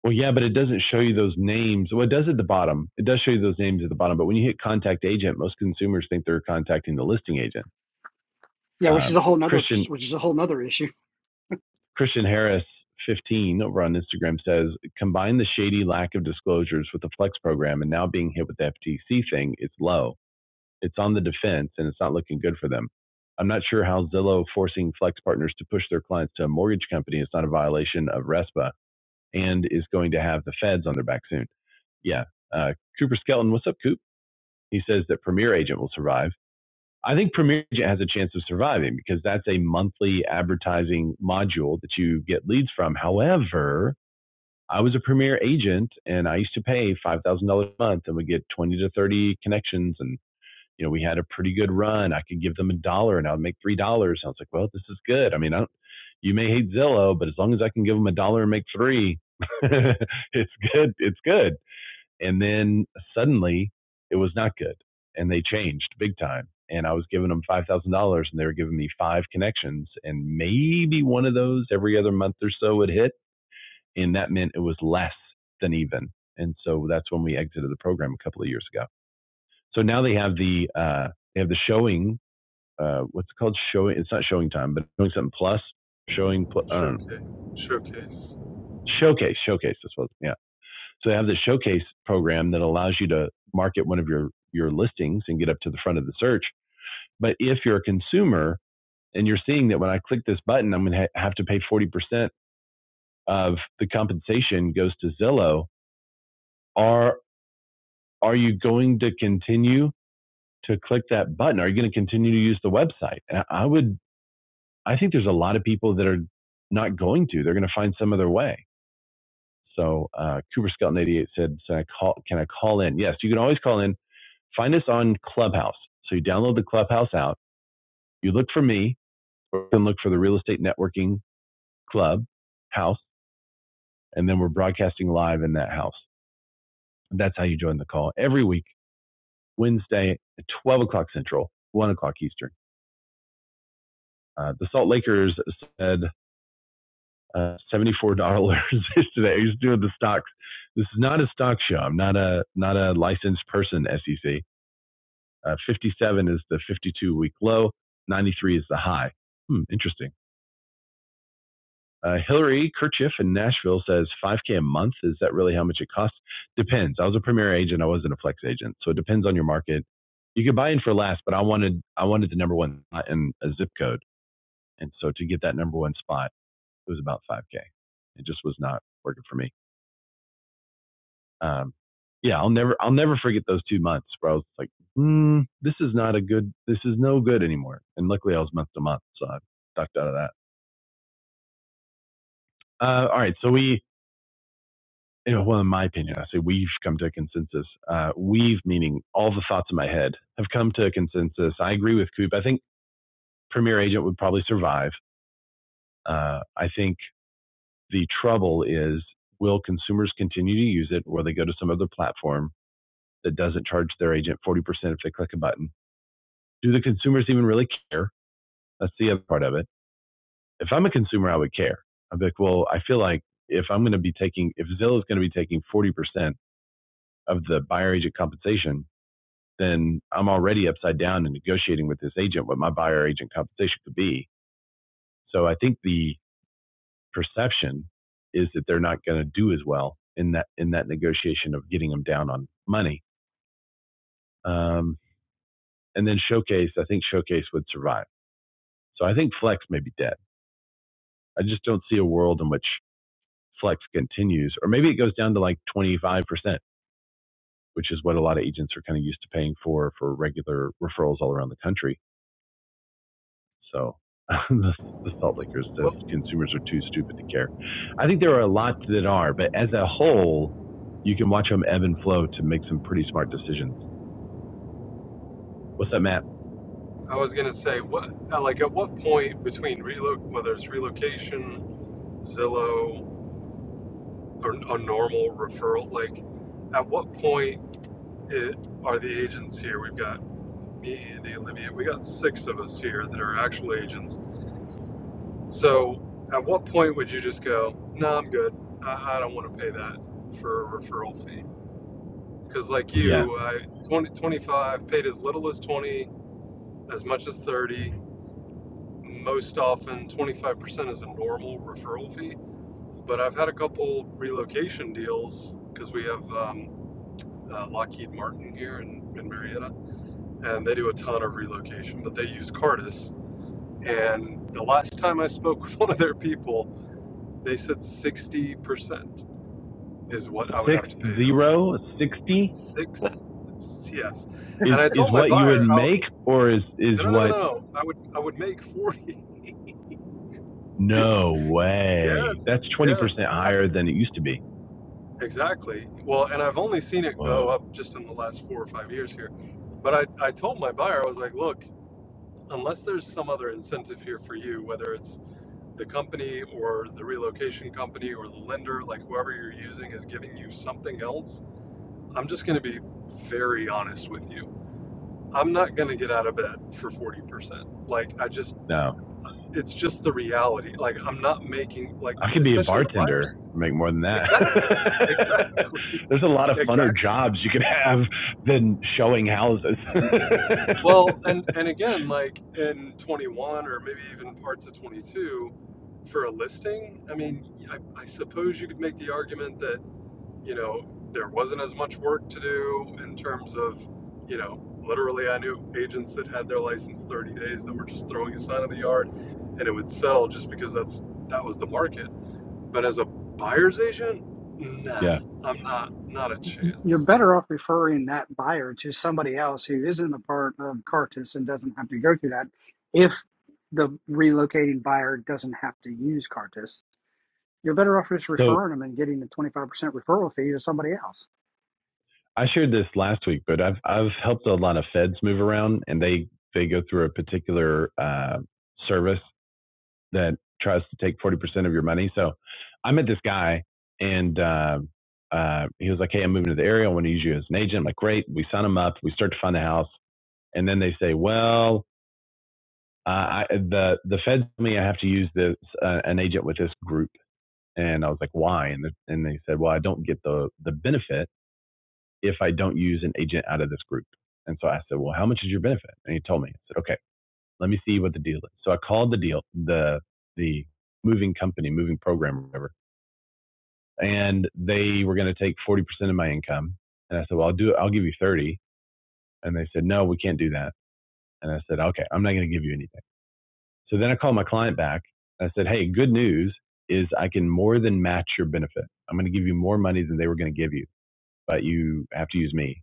Speaker 1: well, yeah, but it doesn't show you those names. Well, it does at the bottom. It does show you those names at the bottom. But when you hit contact agent, most consumers think they're contacting the listing agent.
Speaker 3: Yeah, which is
Speaker 1: Um,
Speaker 3: a whole nother
Speaker 1: Christian,
Speaker 3: which is a whole nother issue.
Speaker 1: Christian Harris 15 over on Instagram says, combine the shady lack of disclosures with the flex program and now being hit with the FTC thing, it's low. It's on the defense and it's not looking good for them. I'm not sure how Zillow forcing flex partners to push their clients to a mortgage company is not a violation of RESPA and is going to have the feds on their back soon. Yeah. Uh, Cooper Skelton, what's up, Coop? He says that Premier Agent will survive. I think Premier Agent has a chance of surviving because that's a monthly advertising module that you get leads from. However, I was a Premier Agent and I used to pay five thousand dollars a month and we get twenty to thirty connections and you know we had a pretty good run. I could give them a dollar and I would make three dollars. I was like, well, this is good. I mean, I don't, you may hate Zillow, but as long as I can give them a dollar and make three, *laughs* it's good. It's good. And then suddenly it was not good and they changed big time. And I was giving them $5,000 and they were giving me five connections and maybe one of those every other month or so would hit. And that meant it was less than even. And so that's when we exited the program a couple of years ago. So now they have the, uh, they have the showing, uh, what's it called showing. It's not showing time, but doing something plus showing, I don't know,
Speaker 4: Showcase. Showcase.
Speaker 1: showcase, showcase. This was, yeah. So they have this showcase program that allows you to market one of your your listings and get up to the front of the search. But if you're a consumer and you're seeing that when I click this button, I'm going to ha- have to pay 40% of the compensation goes to Zillow, are are you going to continue to click that button? Are you going to continue to use the website? And I would I think there's a lot of people that are not going to. They're going to find some other way. So uh, Cooper Skelton 88 said, so I call, can I call in? Yes, you can always call in Find us on Clubhouse. So you download the Clubhouse out. You look for me, or you can look for the Real Estate Networking Club house, and then we're broadcasting live in that house. And that's how you join the call every week, Wednesday at 12 o'clock Central, 1 o'clock Eastern. Uh, the Salt Lakers said uh, $74 *laughs* today. He's doing the stocks. This is not a stock show. I'm not a not a licensed person, SEC. Uh, 57 is the 52 week low. 93 is the high. Hmm, interesting. Uh, Hillary Kerchief in Nashville says 5K a month. Is that really how much it costs? Depends. I was a premier agent. I wasn't a flex agent. So it depends on your market. You could buy in for less, but I wanted, I wanted the number one spot in a zip code. And so to get that number one spot, it was about 5K. It just was not working for me. Um, yeah, I'll never, I'll never forget those two months where I was like, mm, this is not a good, this is no good anymore. And luckily I was month to month. So I ducked out of that. Uh, all right. So we, you know, well, in my opinion, I say we've come to a consensus. Uh, we've, meaning all the thoughts in my head, have come to a consensus. I agree with Coop. I think Premier Agent would probably survive. Uh, I think the trouble is will consumers continue to use it or they go to some other platform that doesn't charge their agent 40% if they click a button? Do the consumers even really care? That's the other part of it. If I'm a consumer, I would care. I'd be like, well, I feel like if I'm going to be taking, if Zillow is going to be taking 40% of the buyer agent compensation, then I'm already upside down in negotiating with this agent what my buyer agent compensation could be. So I think the perception is that they're not going to do as well in that in that negotiation of getting them down on money. Um, and then showcase, I think showcase would survive. So I think flex may be dead. I just don't see a world in which flex continues, or maybe it goes down to like 25%, which is what a lot of agents are kind of used to paying for for regular referrals all around the country So *laughs* the, the salt lickers says
Speaker 4: Well,
Speaker 1: consumers are too stupid to care. I think there are a lot that are, but as a whole, you can watch them ebb and flow to make some pretty smart decisions. What's up, Matt?
Speaker 4: I was gonna say, what, uh, like, at what point between reloc, whether it's relocation, Zillow, or a normal referral, like, at what point it, are the agents here? We've got me, Andy, Olivia. We got six of us here that are actual agents. So, at what point would you just go, "No, nah, I'm good. I, I don't want to pay that for a referral fee"? because like
Speaker 1: Yeah,
Speaker 4: you I, 20 25 paid as little as 20 as much as 30 most often 25% is a normal referral fee but i've had a couple relocation deals because we have um, uh, lockheed martin here in, in marietta and they do a ton of relocation but they use cardis and the last time i spoke *laughs* with one of their people they said 60% is what i would have
Speaker 1: six
Speaker 4: to pay them
Speaker 1: zero sixty
Speaker 4: six It's, yes and
Speaker 1: is
Speaker 4: i
Speaker 1: is
Speaker 4: told my
Speaker 1: what you would
Speaker 4: buyer I,
Speaker 1: make, or is
Speaker 4: No,
Speaker 1: is
Speaker 4: no, no, no,
Speaker 1: what?
Speaker 4: no. I would I would make 40. *laughs*
Speaker 1: No way.
Speaker 4: Yes.
Speaker 1: That's twenty
Speaker 4: Yes.
Speaker 1: percent
Speaker 4: I,
Speaker 1: higher than it used to be.
Speaker 4: exactly. Well, and I've only seen it go
Speaker 1: Whoa.
Speaker 4: up just in the last 4 or 5 years here. But I I told my buyer I was like, "Look, unless there's some other incentive here for you, whether it's the company or the relocation company or the lender, like whoever you're using is giving you something else, I'm just going to be very honest with you. I'm not going to get out of bed for 40%. Like I just
Speaker 1: No.
Speaker 4: it's just the reality. Like I'm not making like
Speaker 1: I could be a
Speaker 4: especially on the buyers.
Speaker 1: bartender, make more than that.
Speaker 4: Exactly.
Speaker 1: *laughs*
Speaker 4: Exactly. *laughs*
Speaker 1: There's a lot of funner
Speaker 4: Exactly.
Speaker 1: jobs you could have than showing houses. *laughs*
Speaker 4: Well, and and again, like in 21 or maybe even parts of 22 for a listing, I mean, I, I suppose you could make the argument that, you know, there wasn't as much work to do in terms of, you know, literally I knew agents that had their license 30 days that were just throwing a sign in the yard and it would sell just because that's that was the market But as a buyer's agent, nah,
Speaker 1: yeah.
Speaker 4: I'm not not a
Speaker 3: y- you're
Speaker 4: chance.
Speaker 3: better off referring that buyer to somebody else who isn't a part of Cartus and doesn't have to go through that. If the relocating buyer doesn't have to use Cartus, you're better off just
Speaker 1: So
Speaker 3: referring them and getting the 25% referral fee to somebody else.
Speaker 1: I shared this last week, but I've I've helped a lot of feds move around, and they they go through a particular uh, service that tries to take forty percent of your money. So I met this guy, and uh, uh, he was like, "Hey, I'm moving to the area. I want to use you as an agent." I'm like, "Great." We sign him up. We start to find a house, and then they say, "Well." uh, I, the the feds told me I have to use this uh, an agent with this group, and I was like, why? And the, and they said, well, I don't get the the benefit if I don't use an agent out of this group. And so I said, well, how much is your benefit? And he told me. I said, okay, let me see what the deal is. So I called the deal the the moving company, moving program, or whatever, and they were going to take forty percent of my income. And I said, well, I'll do it. I'll give you thirty. And they said, no, we can't do that. And I said, okay, I'm not going to give you anything. So then I called my client back. I said, Hey, good news is I can more than match your benefit. I'm going to give you more money than they were going to give you, but you have to use me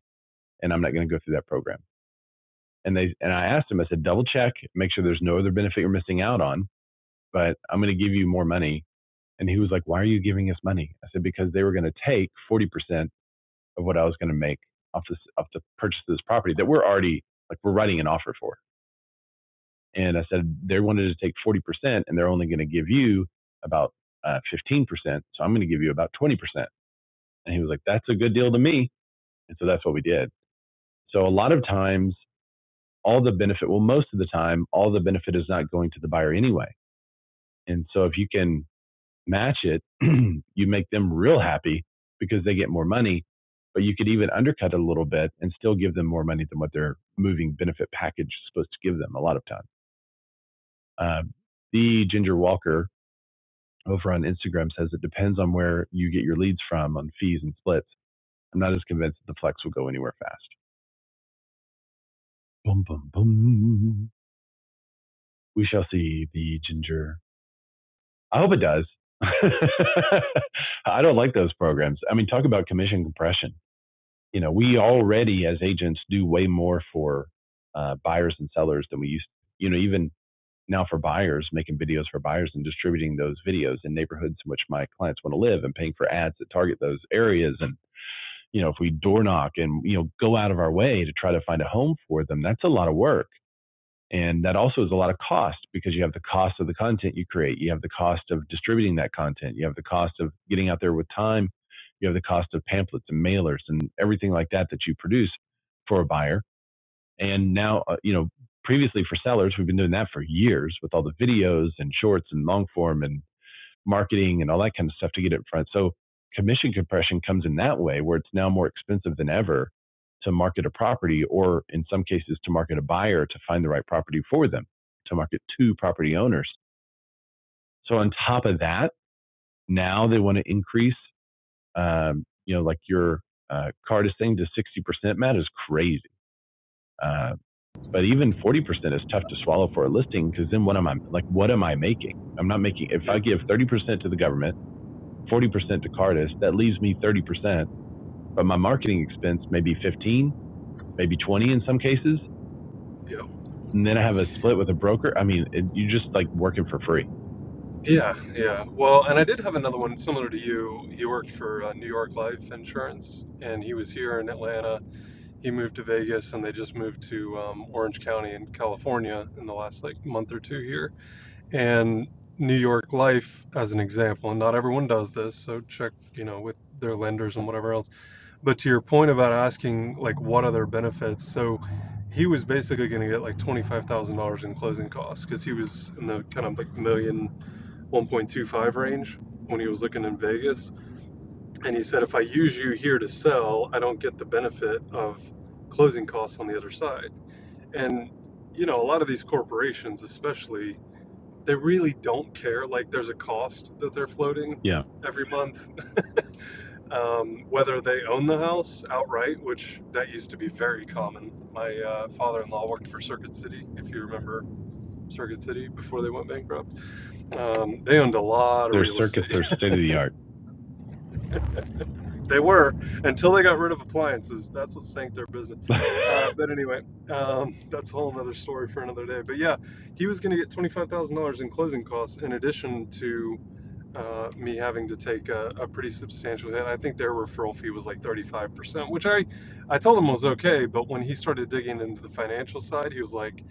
Speaker 1: and I'm not going to go through that program. And they, and I asked them, I said, double check, make sure there's no other benefit you're missing out on, but I'm going to give you more money. And he was like, why are you giving us money? I said, because they were going to take 40% of what I was going to make off this, off the purchase of this property that we're already like, we're writing an offer for. And I said, they wanted to take 40% and they're only going to give you about uh, 15%. So I'm going to give you about 20%. And he was like, that's a good deal to me. And so that's what we did. So a lot of times, all the benefit, well, most of the time, all the benefit is not going to the buyer anyway. And so if you can match it, *clears throat* you make them real happy because they get more money. But you could even undercut it a little bit and still give them more money than what their moving benefit package is supposed to give them a lot of time. Um, the Ginger Walker over on Instagram says it depends on where you get your leads from on fees and splits. I'm not as convinced that the flex will go anywhere fast. Boom, boom, boom. We shall see the ginger. I hope it does. *laughs* I don't like those programs. I mean, talk about commission compression. You know, we already as agents do way more for uh, buyers and sellers than we used. To. You know, even now for buyers, making videos for buyers and distributing those videos in neighborhoods in which my clients want to live and paying for ads that target those areas and you know, if we door knock and, you know, go out of our way to try to find a home for them, that's a lot of work. And that also is a lot of cost because you have the cost of the content you create, you have the cost of distributing that content, you have the cost of getting out there with time, you have the cost of pamphlets and mailers and everything like that that you produce for a buyer. And now, uh, you know, previously for sellers, we've been doing that for years with all the videos and shorts and long form and marketing and all that kind of stuff to get it in front. So commission compression comes in that way where it's now more expensive than ever to market a property or in some cases to market a buyer to find the right property for them, to market to property owners. So on top of that, now they want to increase, um, you know, like your uh, card is saying to 60%, Matt, is crazy. Uh, but even 40% is tough to swallow for a listing because then what am I, like, what am I making? I'm not making, if I give
Speaker 4: Mhm.
Speaker 1: 30% to the government, 40% to Cardis. That leaves me 30%, but my marketing expense may be 15, maybe 20 in some cases.
Speaker 4: Yep.
Speaker 1: And then I have a split with a broker. I mean, it, you're just like working for free.
Speaker 4: Yeah, yeah. Well, and I did have another one similar to you. He worked for uh, New York Life Insurance, and he was here in Atlanta. He moved to Vegas, and they just moved to um, Orange County in California in the last like month or two here and New York Life as an example, and not everyone does this, so check, you know, with their lenders and whatever else. But to your point about asking like what other benefits, so he was basically going to get like twenty five thousand dollars in closing costs because he was in the kind of like million one point two five range when he was looking in Vegas, and he said if I use you here to sell, I don't get the benefit of closing costs on the other side, and you know a lot of these corporations, especially they really don't care. Like there's a cost that they're floating
Speaker 1: Yeah.
Speaker 4: every month, um, whether they own the house outright, which that used to be very common. My uh, father-in-law worked for Circuit City, if you remember Circuit City before they went bankrupt. Um, they owned a lot of
Speaker 1: Their
Speaker 4: real
Speaker 1: circuits
Speaker 4: estate.
Speaker 1: are state of the art.
Speaker 4: *laughs* they were until they got rid of appliances. That's what sank their business.
Speaker 1: *laughs*
Speaker 4: Uh, but anyway, um, *laughs* that's a whole another story for another day. But yeah, he was going to get twenty-five thousand dollars in closing costs in addition to uh, me having to take a, a pretty substantial hit. I think their referral fee was like 35%, which I, I told him was okay. But when he started digging into the financial side, he was like,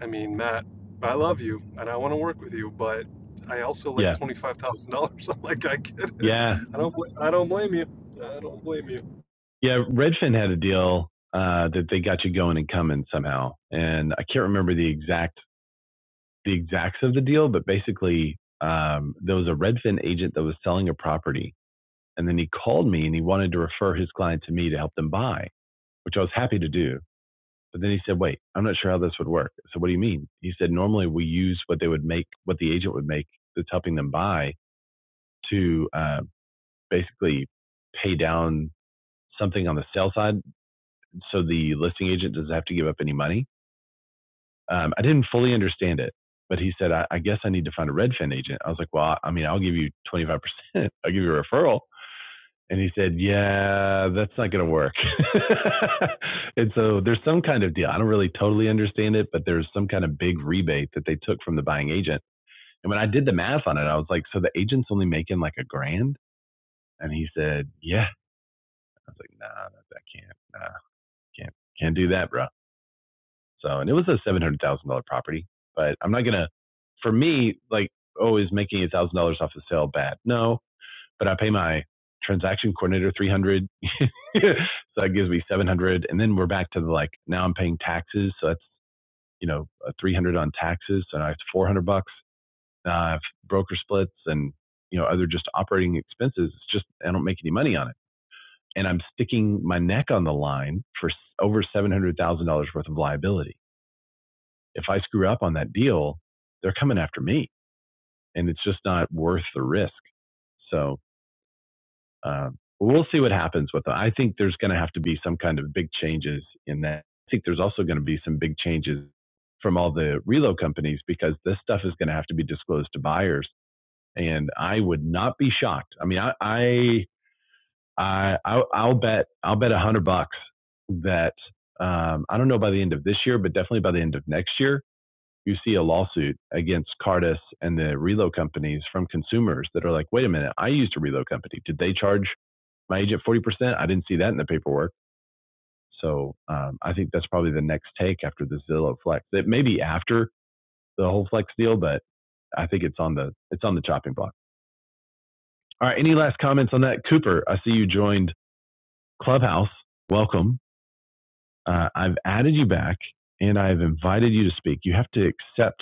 Speaker 4: I mean, Matt, I love you and I want to work with you, but I also like
Speaker 1: yeah.
Speaker 4: $25,000. *laughs* I'm like, I get it.
Speaker 1: Yeah.
Speaker 4: I don't, bl- I don't blame you. I don't blame you.
Speaker 1: Yeah. Redfin had a deal uh, that they got you going and coming somehow. And I can't remember the exact the exacts of the deal, but basically um, there was a Redfin agent that was selling a property, and then he called me and he wanted to refer his client to me to help them buy. which I was happy to do. But then he said, wait, I'm not sure how this would work. So what do you mean? He said, normally we use what they would make, what the agent would make that's helping them buy to uh, basically pay down something on the sale side so the listing agent doesn't have to give up any money. Um, I didn't fully understand it, but he said, I, I guess I need to find a Redfin agent. I was like, well, I mean, I'll give you 25%. *laughs* I'll give you a referral. And he said, Yeah, that's not going to work. *laughs* and so there's some kind of deal. I don't really totally understand it, but there's some kind of big rebate that they took from the buying agent. And when I did the math on it, I was like, So the agent's only making like a grand? And he said, Yeah. I was like, Nah, I can't. Nah, can't, can't do that, bro. So, and it was a $700,000 property, but I'm not going to, for me, like, oh, is making $1,000 off a sale bad? No, but I pay my transaction coordinator 300. *laughs* so that gives me 700. And then we're back to the like, now I'm paying taxes. So that's, you know, a 300 on taxes. So now I have 400 bucks. Now I have broker splits and, you know, other just operating expenses. It's just, I don't make any money on it. And I'm sticking my neck on the line for over $700,000 worth of liability. If I screw up on that deal, they're coming after me and it's just not worth the risk. So Um, we'll see what happens with them. I think there's going to have to be some kind of big changes in that. I think there's also going to be some big changes from all the reload companies because this stuff is going to have to be disclosed to buyers. And I would not be shocked. I mean, I, I, I I'll, I'll bet, I'll bet a hundred bucks that um, I don't know by the end of this year, but definitely by the end of next year, you see a lawsuit against Cardis and the reload companies from consumers that are like, wait a minute, I used a reload company. Did they charge my agent 40%. I didn't see that in the paperwork. So um, I think that's probably the next take after the Zillow Flex. It may be after the whole Flex deal, but I think it's on the it's on the chopping block. All right. Any last comments on that, Cooper? I see you joined Clubhouse. Welcome. Uh, I've added you back and I've invited you to speak. You have to accept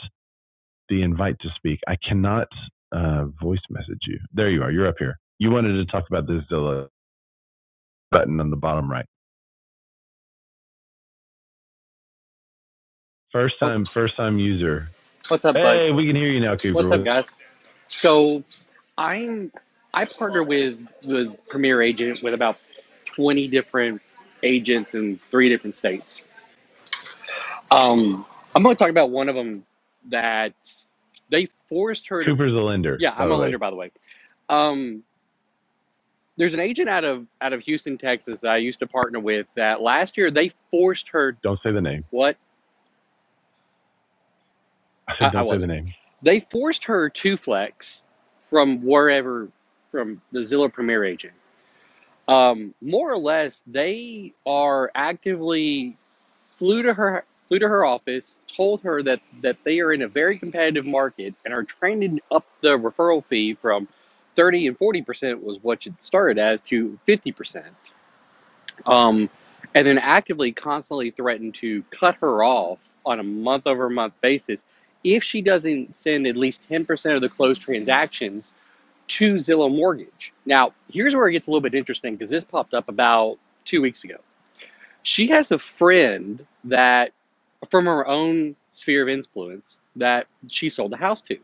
Speaker 1: the invite to speak. I cannot uh, voice message you. There you are. You're up here. You wanted to talk about the Zillow button on the bottom right. First
Speaker 5: Oh,
Speaker 1: time, first time user
Speaker 5: what's up, bud?
Speaker 1: Hey, we can hear you now,
Speaker 5: What's up,
Speaker 1: Cooper.
Speaker 5: guys? So, I'm I partner with the Premier Agent with about 20 different agents in three different states. Um, I'm going to talk about one of them that they forced her to.
Speaker 1: Cooper's the lender,
Speaker 5: Yeah,
Speaker 1: by
Speaker 5: I'm
Speaker 1: the
Speaker 5: a
Speaker 1: way.
Speaker 5: lender, by the way. Um, there's an agent out of out of Houston, Texas that I used to partner with. That last year they forced her.
Speaker 1: Don't say the name.
Speaker 5: What?
Speaker 1: I said,
Speaker 5: I, I
Speaker 1: don't say the
Speaker 5: wasn't.
Speaker 1: name.
Speaker 5: They forced her to flex from wherever, from the Zillow Premier agent. Um, more or less, they are actively flew to her flew to her office, told her that that they are in a very competitive market and are trending up the referral fee from thirty and forty percent was what it started as to fifty percent um, and then actively constantly threatened to cut her off on a month over month basis if she doesn't send at least 10% of the closed transactions to Zillow Mortgage. Now, here's where it gets a little bit interesting because this popped up about two weeks ago. She has a friend that, from her own sphere of influence, that she sold the house to.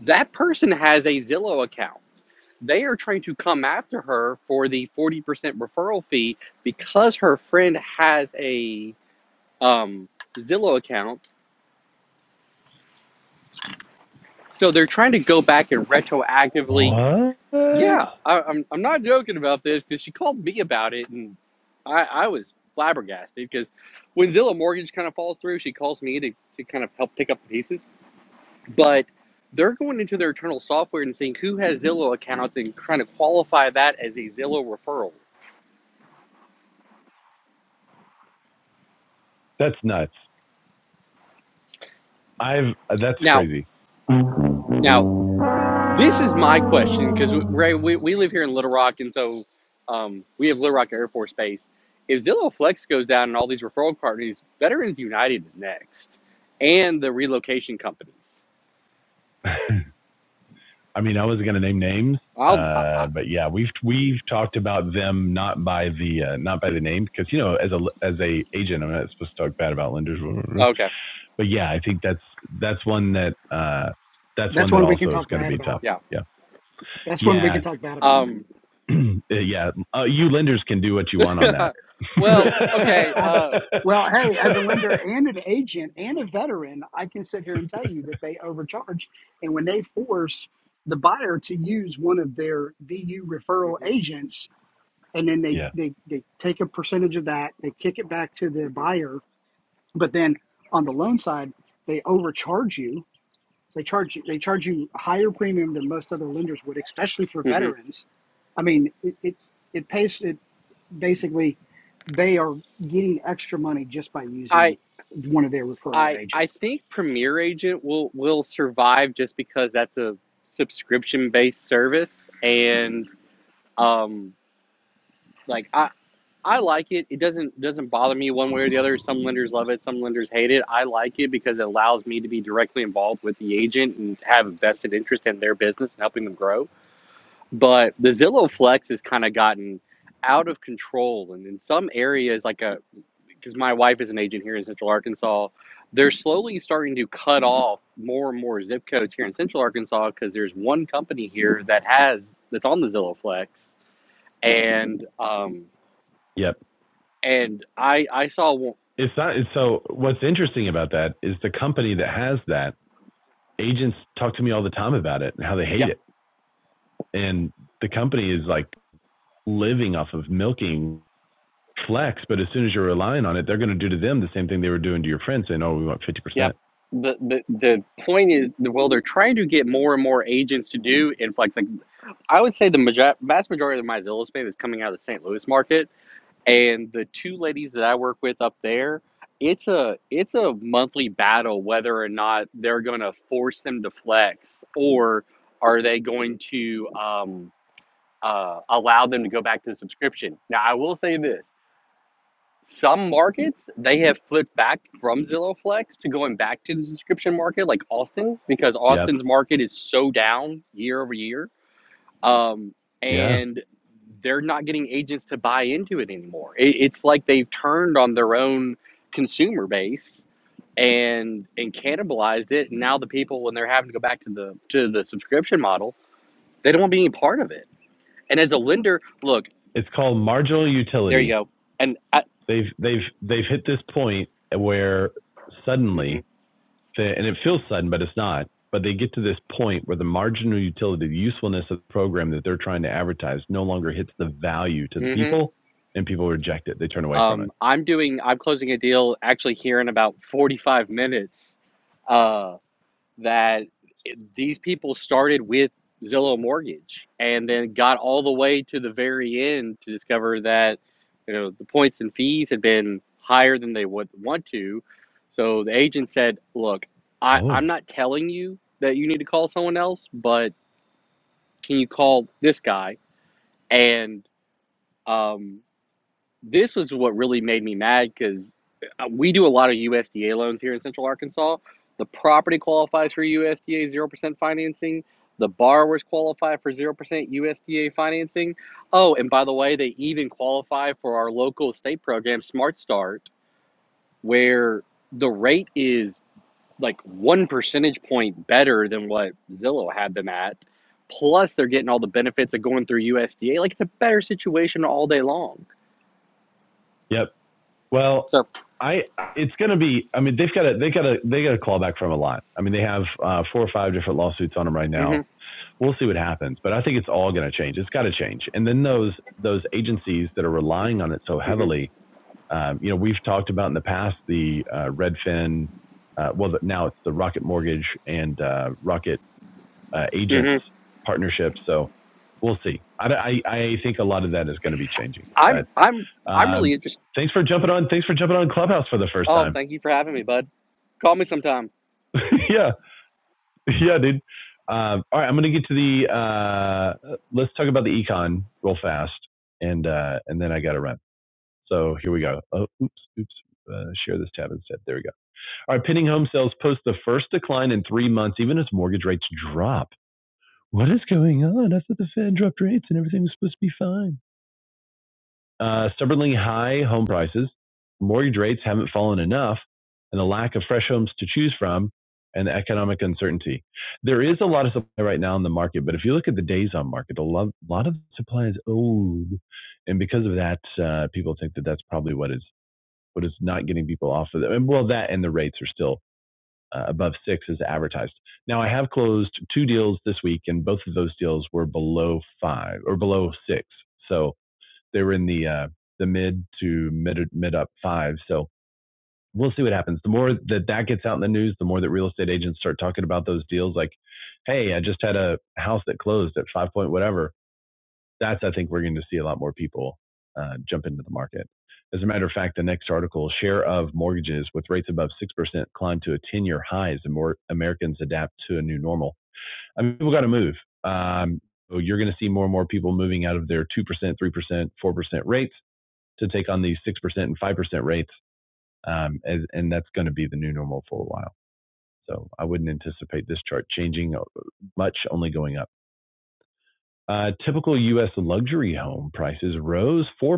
Speaker 5: That person has a Zillow account. They are trying to come after her for the 40% referral fee because her friend has a um, Zillow account. So they're trying to go back and retroactively.
Speaker 1: What?
Speaker 5: Yeah, I, I'm, I'm not joking about this because she called me about it and I, I was flabbergasted because when Zillow Mortgage kind of falls through, she calls me to, to kind of help pick up the pieces but they're going into their internal software and seeing who has Zillow accounts and trying to qualify that as a Zillow referral.
Speaker 1: That's nuts. I've that's
Speaker 5: Now,
Speaker 1: crazy. *laughs*
Speaker 5: now
Speaker 1: I
Speaker 5: this is my question because Ray, we, we live here in Little Rock, and so um, we have Little Rock Air Force Base. If Zillow Flex goes down and all these referral companies, Veterans United is next, and the relocation companies.
Speaker 1: mean, I was gonna name names,
Speaker 5: I'll I,
Speaker 1: uh,
Speaker 5: I,
Speaker 1: but yeah, we've we've talked about them not by the uh, not by the name because you know as a as a agent, I'm not supposed to talk bad about lenders.
Speaker 5: okay,
Speaker 1: But yeah, I think that's that's one that uh, that's one
Speaker 3: That's
Speaker 1: that
Speaker 3: one we can
Speaker 1: also is
Speaker 3: talk
Speaker 1: going to
Speaker 3: bad
Speaker 1: be tough.
Speaker 3: about.
Speaker 5: yeah.
Speaker 1: Yeah,
Speaker 3: That's one we
Speaker 1: yeah.
Speaker 3: can talk bad about.
Speaker 5: Um,
Speaker 1: *clears throat* yeah, uh, you lenders can do what you want on
Speaker 5: *laughs*
Speaker 1: that.
Speaker 3: Yeah.
Speaker 5: well, okay.
Speaker 3: *laughs* I've,
Speaker 5: Uh,
Speaker 3: well, hey, as
Speaker 1: *laughs*
Speaker 3: a lender and an agent and a veteran, I can sit here and tell you that they overcharge. And when they force the buyer to use one of their VU referral
Speaker 5: mhm,
Speaker 3: agents, and then they
Speaker 1: yeah.
Speaker 3: they they take a percentage of that they kick it back to the buyer but then on the loan side they overcharge you they charge they charge you a higher premium than most other lenders would especially for
Speaker 5: mhm,
Speaker 3: veterans i mean it it, it pays it basically they are getting extra money just by
Speaker 5: mhm.
Speaker 3: using one of their referral
Speaker 5: I I
Speaker 3: agents
Speaker 5: think Premier Agent will will survive just because that's a subscription based service and um like I I like it. It doesn't doesn't bother me one way or the other. Some lenders love it, some lenders hate it. I like it because it allows me to be directly involved with the agent and have a vested interest in their business and helping them grow. But the Zillow Flex has kind of gotten out of control and in some areas like a because my wife is an agent here in Central Arkansas. They're slowly starting to cut off more and more zip codes here in Central Arkansas because there's one company here that has that's on the Zillow Flex, and um,
Speaker 1: Yep.
Speaker 5: and I I saw one.
Speaker 1: It's not. So what's interesting about that is the company that has that agents talk to me all the time about it and how they hate
Speaker 5: Yep,
Speaker 1: it, and the company is like living off of milking flex. But as soon as you're relying on it, they're going to do to them the same thing they were doing to your friends, saying, "Oh, we want fifty
Speaker 5: yep.
Speaker 1: percent."
Speaker 5: The, the the point is well they're trying to get more and more agents to do in flex like I would say the major- vast majority of my Zillow space is coming out of the St. Louis market and the two ladies that I work with up there, it's a it's a monthly battle whether or not they're going to force them to flex or are they going to um, uh, allow them to go back to subscription. Now, I will say this: some markets they have flipped back from Zillow Flex to going back to the subscription market, like Austin, because
Speaker 1: Yep.
Speaker 5: Austin's market is so down year over year um,
Speaker 1: Yeah.
Speaker 5: and they're not getting agents to buy into it anymore. It, it's like they've turned on their own consumer base and and cannibalized it. And now the people, when they're having to go back to the to the subscription model, they don't want to be any part of it. And as a lender, look,
Speaker 1: It's called marginal
Speaker 5: there you
Speaker 1: utility.
Speaker 5: go. And I,
Speaker 1: They've they've they've hit this point where
Speaker 5: mm
Speaker 1: suddenly
Speaker 5: hmm
Speaker 1: they, and it feels sudden, but it's not. But they get to this point where the marginal utility, the usefulness of the program that they're trying to advertise, no longer hits the value to the
Speaker 5: mm
Speaker 1: people, and people reject it. They turn
Speaker 5: hmm
Speaker 1: away from it.
Speaker 5: Um, I'm doing. I'm closing a deal actually here in about 45 minutes. Uh. that these people started with Zillow Mortgage and then got all the way to the very end to discover that you know the points and fees had been higher than they would want to. So the agent said, "Look, I, I'm
Speaker 1: Oh,
Speaker 5: not telling you that you need to call someone else, but can you call this guy?" And um, this was what really made me mad because we do a lot of USDA loans here in Central Arkansas. The property qualifies for USDA 0% financing. The borrowers qualify for 0% USDA financing. Oh, and by the way, they even qualify for our local state program, Smart Start, where the rate is like one percentage point better than what Zillow had them at. Plus, they're getting all the benefits of going through USDA. Like, it's a better situation all day long.
Speaker 1: Yep. Well,
Speaker 5: So,
Speaker 1: I it's going to be. I mean, they've got a they got a they got a clawback from a lot. I mean, they have uh, four or five different lawsuits on them right
Speaker 5: mm
Speaker 1: now.
Speaker 5: mhm,
Speaker 1: We'll see what happens, but I think it's all going to change. It's got to change. And then those those agencies that are relying on it so
Speaker 5: mm mhm.
Speaker 1: heavily Um, you know, we've talked about in the past the uh, Redfin, uh, well, now it's the Rocket Mortgage and uh, Rocket uh, Agents
Speaker 5: hmm
Speaker 1: partnership. So we'll see. I, I, I think a lot of that is going to be changing.
Speaker 5: I'm
Speaker 1: But
Speaker 5: I'm I'm really
Speaker 1: um,
Speaker 5: interested.
Speaker 1: thanks for jumping on. Thanks for jumping on Clubhouse for the first
Speaker 5: Oh,
Speaker 1: time.
Speaker 5: thank you for having me, bud. Call me sometime.
Speaker 1: *laughs* yeah, yeah, dude. Um, all right, I'm going to get to the. Uh, let's talk about the econ real fast, and uh, and then I got to run. So here we go. Oh, oops, oops. Uh, share this tab instead. There we go. All right, pending home sales post the first decline in three months, even as mortgage rates drop. What is going on? I thought the Fed dropped rates and everything was supposed to be fine. Uh, stubbornly high home prices, mortgage rates haven't fallen enough, and the lack of fresh homes to choose from, and the economic uncertainty. There is a lot of supply right now in the market, but if you look at the days on market, a lot, a lot of supply is old, and because of that, uh, people think that that's probably what is what is not getting people off of them. And well, that and the rates are still uh, above six as advertised. Now I have closed two deals this week, and both of those deals were below five or below six, so they were in the uh, the mid to mid mid up five. So we'll see what happens. The more that that gets out in the news, the more that real estate agents start talking about those deals, like, "Hey, I just had a house that closed at five point whatever." that's I think we're going to see a lot more people uh, jump into the market. As a matter of fact, the next article: share of mortgages with rates above six percent climb to a ten-year high as more Americans adapt to a new normal. I mean, people got to move. Um, so you're going to see more and more people moving out of their two percent, three percent, four percent rates to take on these six percent and five percent rates, um, as, and that's going to be the new normal for a while. So I wouldn't anticipate this chart changing uh, much, only going up. Uh, typical U.S. luxury home prices rose 4%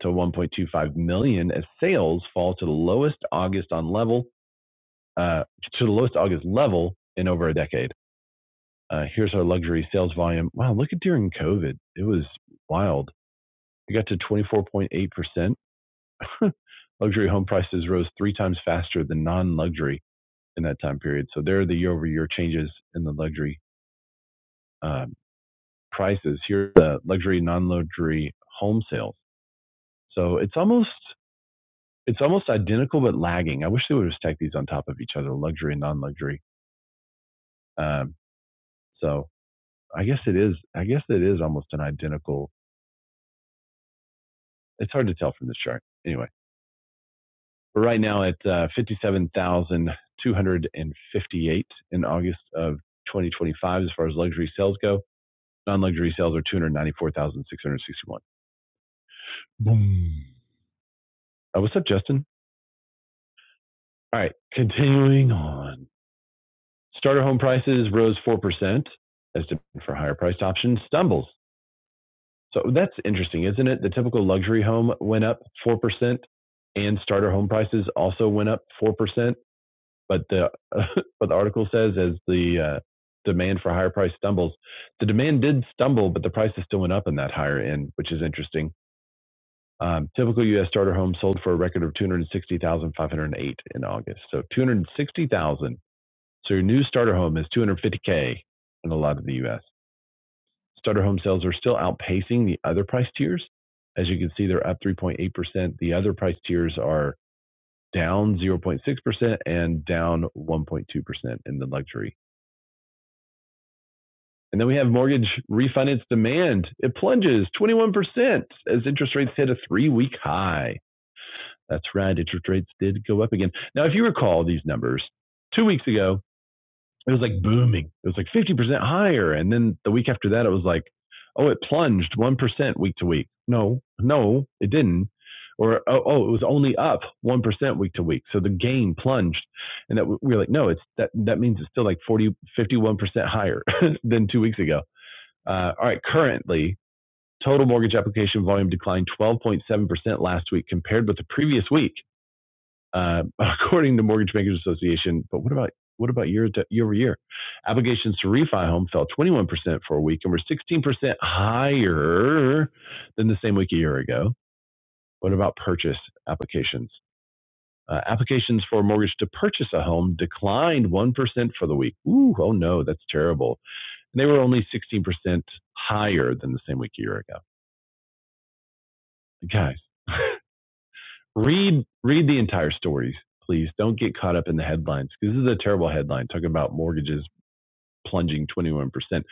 Speaker 1: to 1.25 million dollars as sales fall to the lowest August on level uh, to the lowest August level in over a decade. Uh, here's our luxury sales volume. Wow, look at during COVID. It was wild. It got to 24.8%. Luxury home prices rose three times faster than non-luxury in that time period. So there are the year-over-year changes in the luxury um, prices. Here are the luxury, non-luxury home sales. So it's almost it's almost identical but lagging. I wish they would have stacked these on top of each other, luxury and non-luxury. Um, so I guess it is. I guess it is almost an identical. It's hard to tell from this chart. Anyway, we're right now at uh, 57,258 in August of 2025 as far as luxury sales go. Non-luxury sales are 294,661. Boom. Uh, what's up, Justin? All right, continuing on. Starter home prices rose 4% as demand for higher priced options stumbles So that's interesting, isn't it? The typical luxury home went up 4% and starter home prices also went up 4%, but the *laughs* uh, but the article says as the uh, demand for higher price stumbles, the demand did stumble, but the prices still went up in that higher end, which is interesting. Um, typical U.S. starter home sold for a record of 260,508 in August. So 260,000. So your new starter home is 250K in a lot of the U.S. Starter home sales are still outpacing the other price tiers. As you can see, they're up 3.8%. The other price tiers are down 0.6% and down 1.2% in the luxury. And then we have mortgage refinance demand. It plunges 21% as interest rates hit a three week high. That's right, interest rates did go up again. Now, if you recall these numbers, two weeks ago, it was like booming. It was like 50% higher. And then the week after that, it was like, oh, it plunged 1% week to week. No, no, it didn't. Or, oh, oh, it was only up 1% week to week. So the gain plunged. And that we were like, no, it's that, that means it's still like 40, 51% higher *laughs* than two weeks ago. Uh, all right. Currently, total mortgage application volume declined 12.7% last week compared with the previous week uh, *laughs* according to Mortgage Bankers Association. But what about what about year to, year over year? Applications to refi home fell 21% for a week and were 16% higher than the same week a year ago. What about purchase applications? Uh, applications for a mortgage to purchase a home declined 1% for the week. Ooh, oh no, that's terrible. And they were only 16% higher than the same week a year ago. Guys, read read the entire story, please. Don't get caught up in the headlines because this is a terrible headline talking about mortgages plunging 21%. It's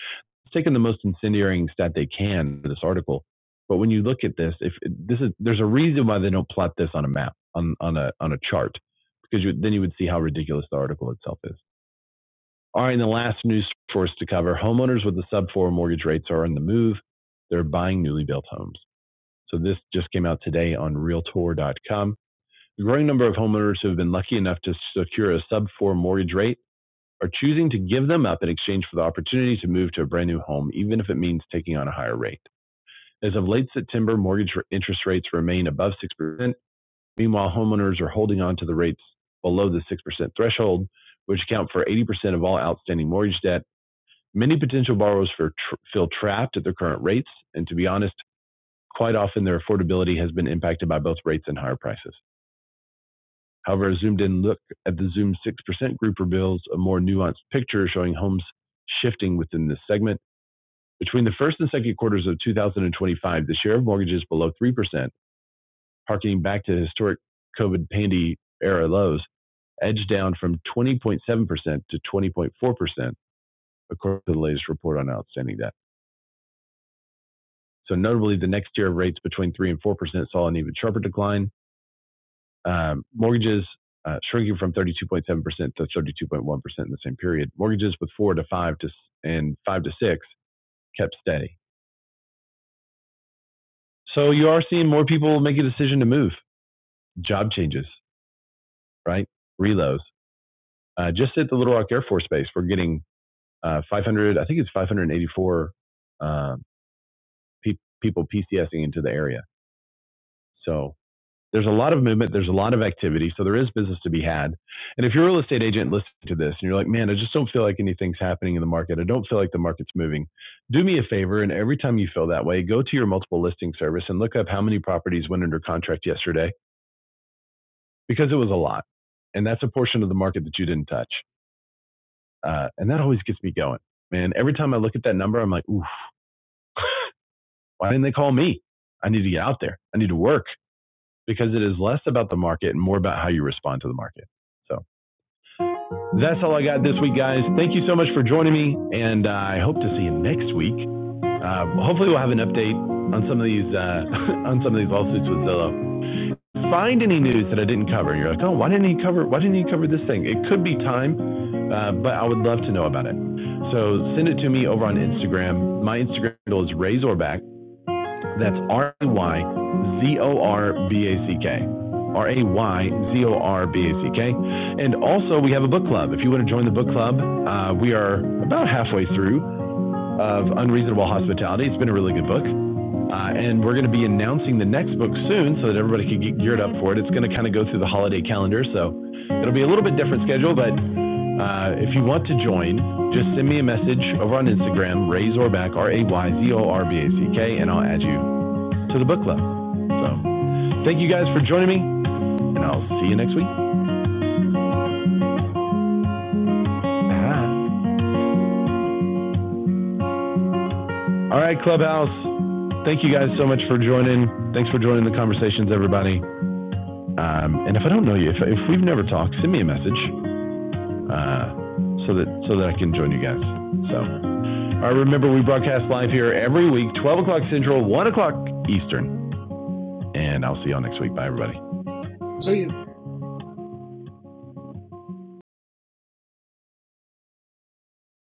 Speaker 1: taken the most incendiary stat they can in this article. But when you look at this, if this is there's a reason why they don't plot this on a map on on a on a chart because you, then you would see how ridiculous the article itself is. All right, and the last news source to cover: homeowners with the sub four mortgage rates are on the move. They're buying newly built homes. So this just came out today on Realtor.com. The growing number of homeowners who have been lucky enough to secure a sub four mortgage rate are choosing to give them up in exchange for the opportunity to move to a brand new home, even if it means taking on a higher rate. As of late September, mortgage interest rates remain above 6%. Meanwhile, homeowners are holding on to the rates below the 6% threshold, which account for 80% of all outstanding mortgage debt. Many potential borrowers for, tr- feel trapped at their current rates, and to be honest, quite often their affordability has been impacted by both rates and higher prices. However, a zoomed-in look at the Zoom 6% group reveals a more nuanced picture showing homes shifting within this segment. Between the first and second quarters of 2025, the share of mortgages below 3%, harkening back to historic COVID pandy era lows, edged down from 20.7% to 20.4%, according to the latest report on outstanding debt. So notably, the next tier of rates between 3 and 4% saw an even sharper decline, Um, mortgages uh, shrinking from 32.7% to 32.1% in the same period. Mortgages with four to five to and five to six kept steady. So you are seeing more people make a decision to move, job changes, right? Reloads. Uh, just at the Little Rock Air Force Base, we're getting uh, 500, I think it's 584 um, pe- people PCSing into the area. So there's a lot of movement, there's a lot of activity, so there is business to be had. And if you're a real estate agent listening to this and you're like, man, I just don't feel like anything's happening in the market, I don't feel like the market's moving, do me a favor. And every time you feel that way, go to your multiple listing service and look up how many properties went under contract yesterday because it was a lot. And that's a portion of the market that you didn't touch. Uh, and that always gets me going. Man, every time I look at that number, I'm like, oof, why didn't they call me? I need to get out there, I need to work because it is less about the market and more about how you respond to the market. So That's all I got this week, guys. Thank you so much for joining me, and uh, I hope to see you next week. Uh, hopefully, we'll have an update on some of these uh, *laughs* on some of these lawsuits with Zillow. Find any news that I didn't cover. You're like, oh, why didn't he cover? Why didn't he cover this thing? It could be time, uh, but I would love to know about it. So send it to me over on Instagram. My Instagram handle is Razorback, that's R A Y Z O R B A C K. R A Y Z O R B A C K. And also, we have a book club. If you want to join the book club, uh, we are about halfway through of Unreasonable Hospitality. It's been a really good book. Uh, and we're going to be announcing the next book soon so that everybody can get geared up for it. It's going to kind of go through the holiday calendar, so it'll be a little bit different schedule. But uh, if you want to join, just send me a message over on Instagram, Ray Zorback, R A Y Z O R B A C K, and I'll add you to the book club. So thank you guys for joining me, and I'll see you next week. All right, Clubhouse. Thank you guys so much for joining. Thanks for joining the conversations, everybody. Um, and if I don't know you, if, if we've never talked, send me a message uh, so that so that I can join you guys. So, all right, remember we broadcast live here every week, 12 o'clock Central, 1 o'clock Eastern, and I'll see y'all next week. Bye, everybody.
Speaker 3: so you.